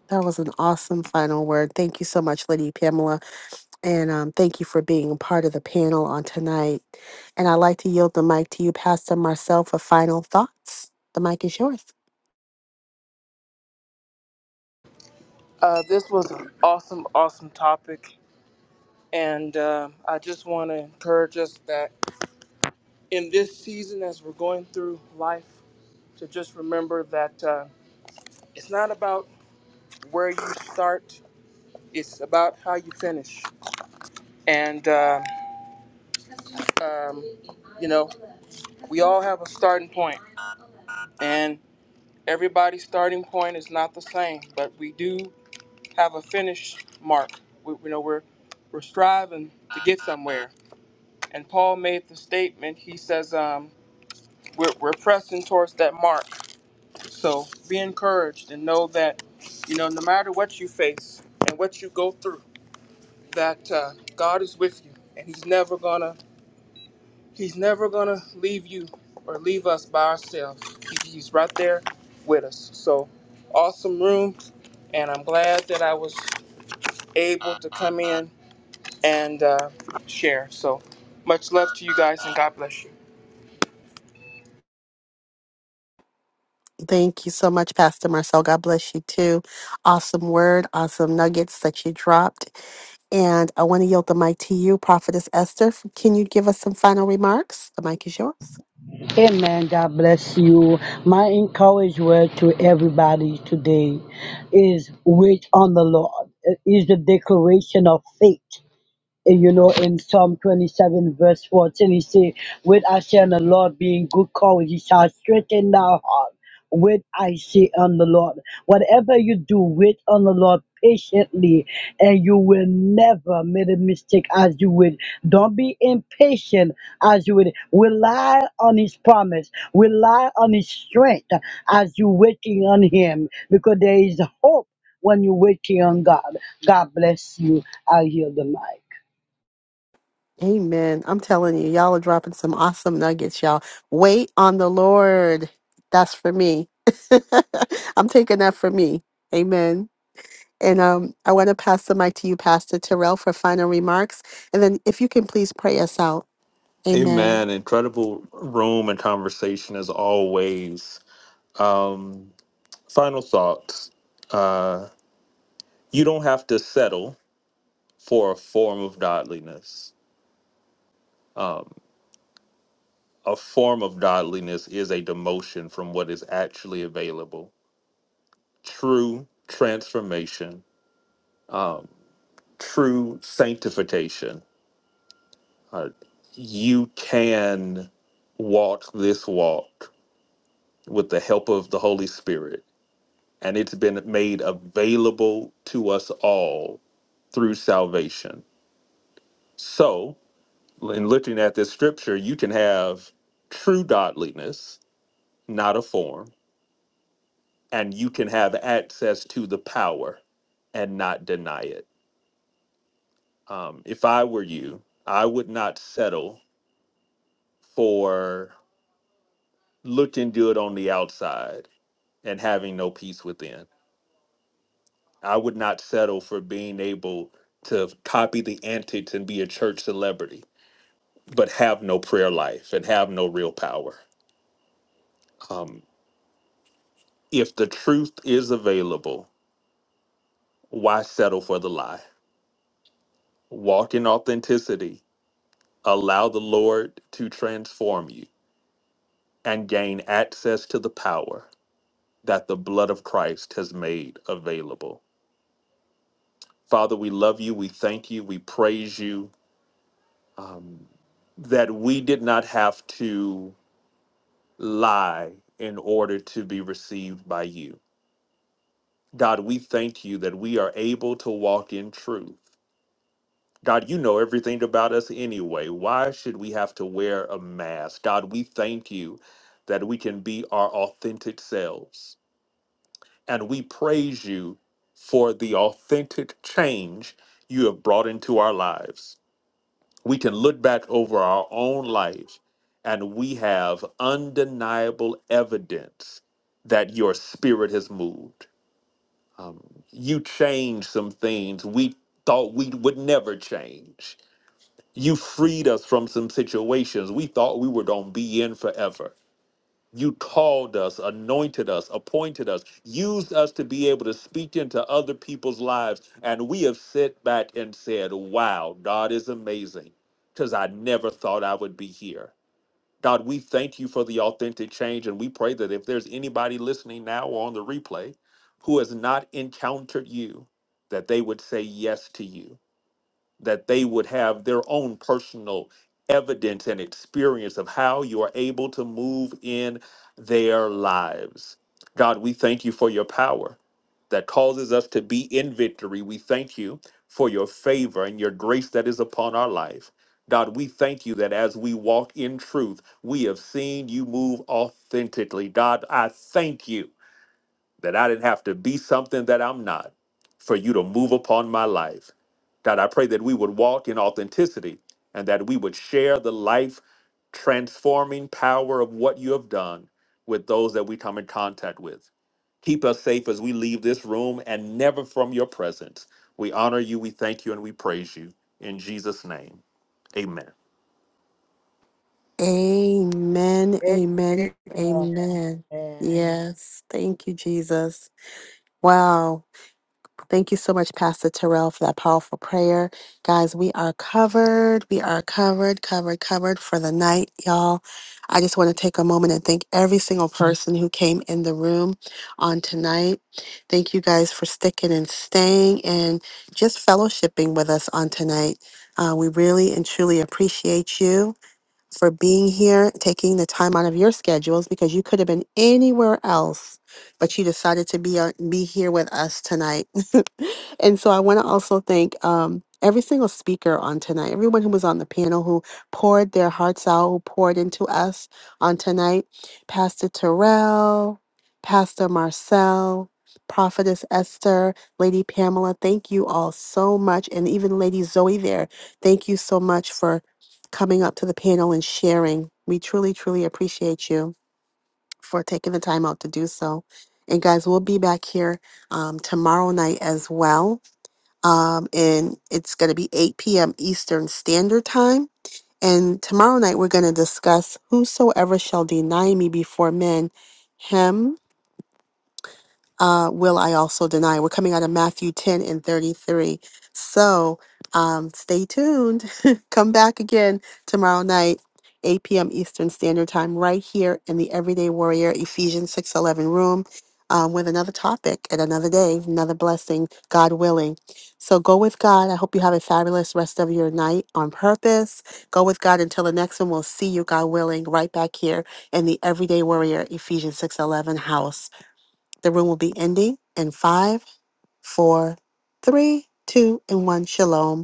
[SPEAKER 1] That was an awesome final word. Thank you so much, Lady Pamela. And um, thank you for being a part of the panel on tonight. And I'd like to yield the mic to you, Pastor Marcel, for final thoughts. The mic is yours.
[SPEAKER 6] Uh, this was an awesome, awesome topic, And uh, I just want to encourage us that in this season, as we're going through life, to just remember that uh, it's not about where you start, it's about how you finish. And, uh, um, you know, we all have a starting point, and everybody's starting point is not the same, but we do have a finish mark. We, you know, we're, we're striving to get somewhere. And Paul made the statement, he says, um, we're, we're pressing towards that mark So be encouraged and know that, you know, no matter what you face and what you go through, that uh, God is with you, and He's never gonna He's never gonna leave you or leave us by ourselves. He- He's right there with us. So awesome room, and I'm glad that I was able to come in and uh, share. So much love to you guys, and God bless you.
[SPEAKER 1] Thank you so much, Pastor Marcel. God bless you too. Awesome word, awesome nuggets that you dropped. And I want to yield the mic to you, Prophetess Esther. Can you give us some final remarks? The mic is yours.
[SPEAKER 7] Amen. God bless you. My encouragement word to everybody today is wait on the Lord. It is the declaration of faith. And, you know, in Psalm 27, verse 14, he said, With I say on the Lord being good cause, he shall strengthen thy heart. With I say on the Lord. Whatever you do, wait on the Lord patiently, and you will never make a mistake as you would. Don't be impatient as you would. Rely on his promise, rely on his strength as you waiting on him, because there is hope when you're waiting on God. God bless you. I heal the mic.
[SPEAKER 1] Amen. I'm telling you, y'all are dropping some awesome nuggets, y'all. Wait on the Lord. That's for me. (laughs) I'm taking that for me. Amen. And um, I want to pass the mic to you, Pastor Terrell, for final remarks. And then if you can please pray us out. Amen.
[SPEAKER 4] Amen. Incredible room and conversation as always. Um, final thoughts. Uh, you don't have to settle for a form of godliness a form of godliness is a demotion from what is actually available. True transformation, true sanctification. Uh, you can walk this walk with the help of the Holy Spirit, and it's been made available to us all through salvation. So, in looking at this scripture, you can have true godliness, not a form and you can have access to the power and not deny it. Um, if I were you, I would not settle for looking good on the outside and having no peace within. I would not settle for being able to copy the antics and be a church celebrity, but have no prayer life and have no real power. Um, if the truth is available, why settle for the lie? Walk in authenticity Allow the Lord to transform you and gain access to the power that the blood of Christ has made available. Father, we love you. We thank you. We praise you um, that we did not have to lie in order to be received by you. God, we thank you that we are able to walk in truth God, you know everything about us anyway. Why should we have to wear a mask? God, we thank you that we can be our authentic selves. And we praise you for the authentic change you have brought into our lives. We can look back over our own life and we have undeniable evidence that your spirit has moved. Um, you changed some things we thought we would never change you freed us from some situations we thought we were going to be in forever. You called us, anointed us, appointed us, used us to be able to speak into other people's lives. And we have sat back and said, Wow, God is amazing because I never thought I would be here. God, we thank you for the authentic change. And we pray that if there's anybody listening now or on the replay who has not encountered you, that they would say yes to you that they would have their own personal evidence and experience of how you are able to move in their lives. God, we thank you for your power that causes us to be in victory. We thank you for your favor and your grace that is upon our life. God, we thank you that as we walk in truth, we have seen you move authentically. God, I thank you that I didn't have to be something that I'm not for you to move upon my life. God, I pray that we would walk in authenticity and that we would share the life transforming power of what you have done with those that we come in contact with. Keep us safe as we leave this room and never from your presence. We honor you, we thank you, and we praise you. In Jesus' name, amen.
[SPEAKER 1] Amen, amen, amen.
[SPEAKER 3] Amen.
[SPEAKER 1] Yes, thank you, Jesus. Wow. Thank you so much, Pastor Terrell, for that powerful prayer. Guys, we are covered. We are covered, covered, covered for the night, y'all. I just want to take a moment and thank every single person who came in the room on tonight. Thank you guys for sticking and staying and just fellowshipping with us on tonight. Uh, we really and truly appreciate you for being here, taking the time out of your schedules because you could have been anywhere else, but you decided to be on, be here with us tonight. (laughs) and so I want to also thank um, every single speaker on tonight, everyone who was on the panel who poured their hearts out, who poured into us on tonight, Pastor Terrell, Pastor Marcel. Prophetess Esther, Lady Pamela, thank you all so much. And even Lady Zoe there, thank you so much for coming up to the panel and sharing. We truly, truly appreciate you for taking the time out to do so. And guys, we'll be back here um, tomorrow night as well. Um, and it's going to be 8 p.m. Eastern Standard Time. And tomorrow night, we're going to discuss whosoever shall deny me before men, him uh, will I also deny? We're coming out of Matthew 10 and 33. So um, stay tuned. (laughs) Come back again tomorrow night, 8 p.m. Eastern Standard Time, right here in the Everyday Warrior Ephesians 611 room um, with another topic and another day, another blessing, God willing. So go with God. I hope you have a fabulous rest of your night on purpose. Go with God until the next one. We'll see you, God willing, right back here in the Everyday Warrior Ephesians 611 house. The room will be ending in five, four, three, two, and one. Shalom.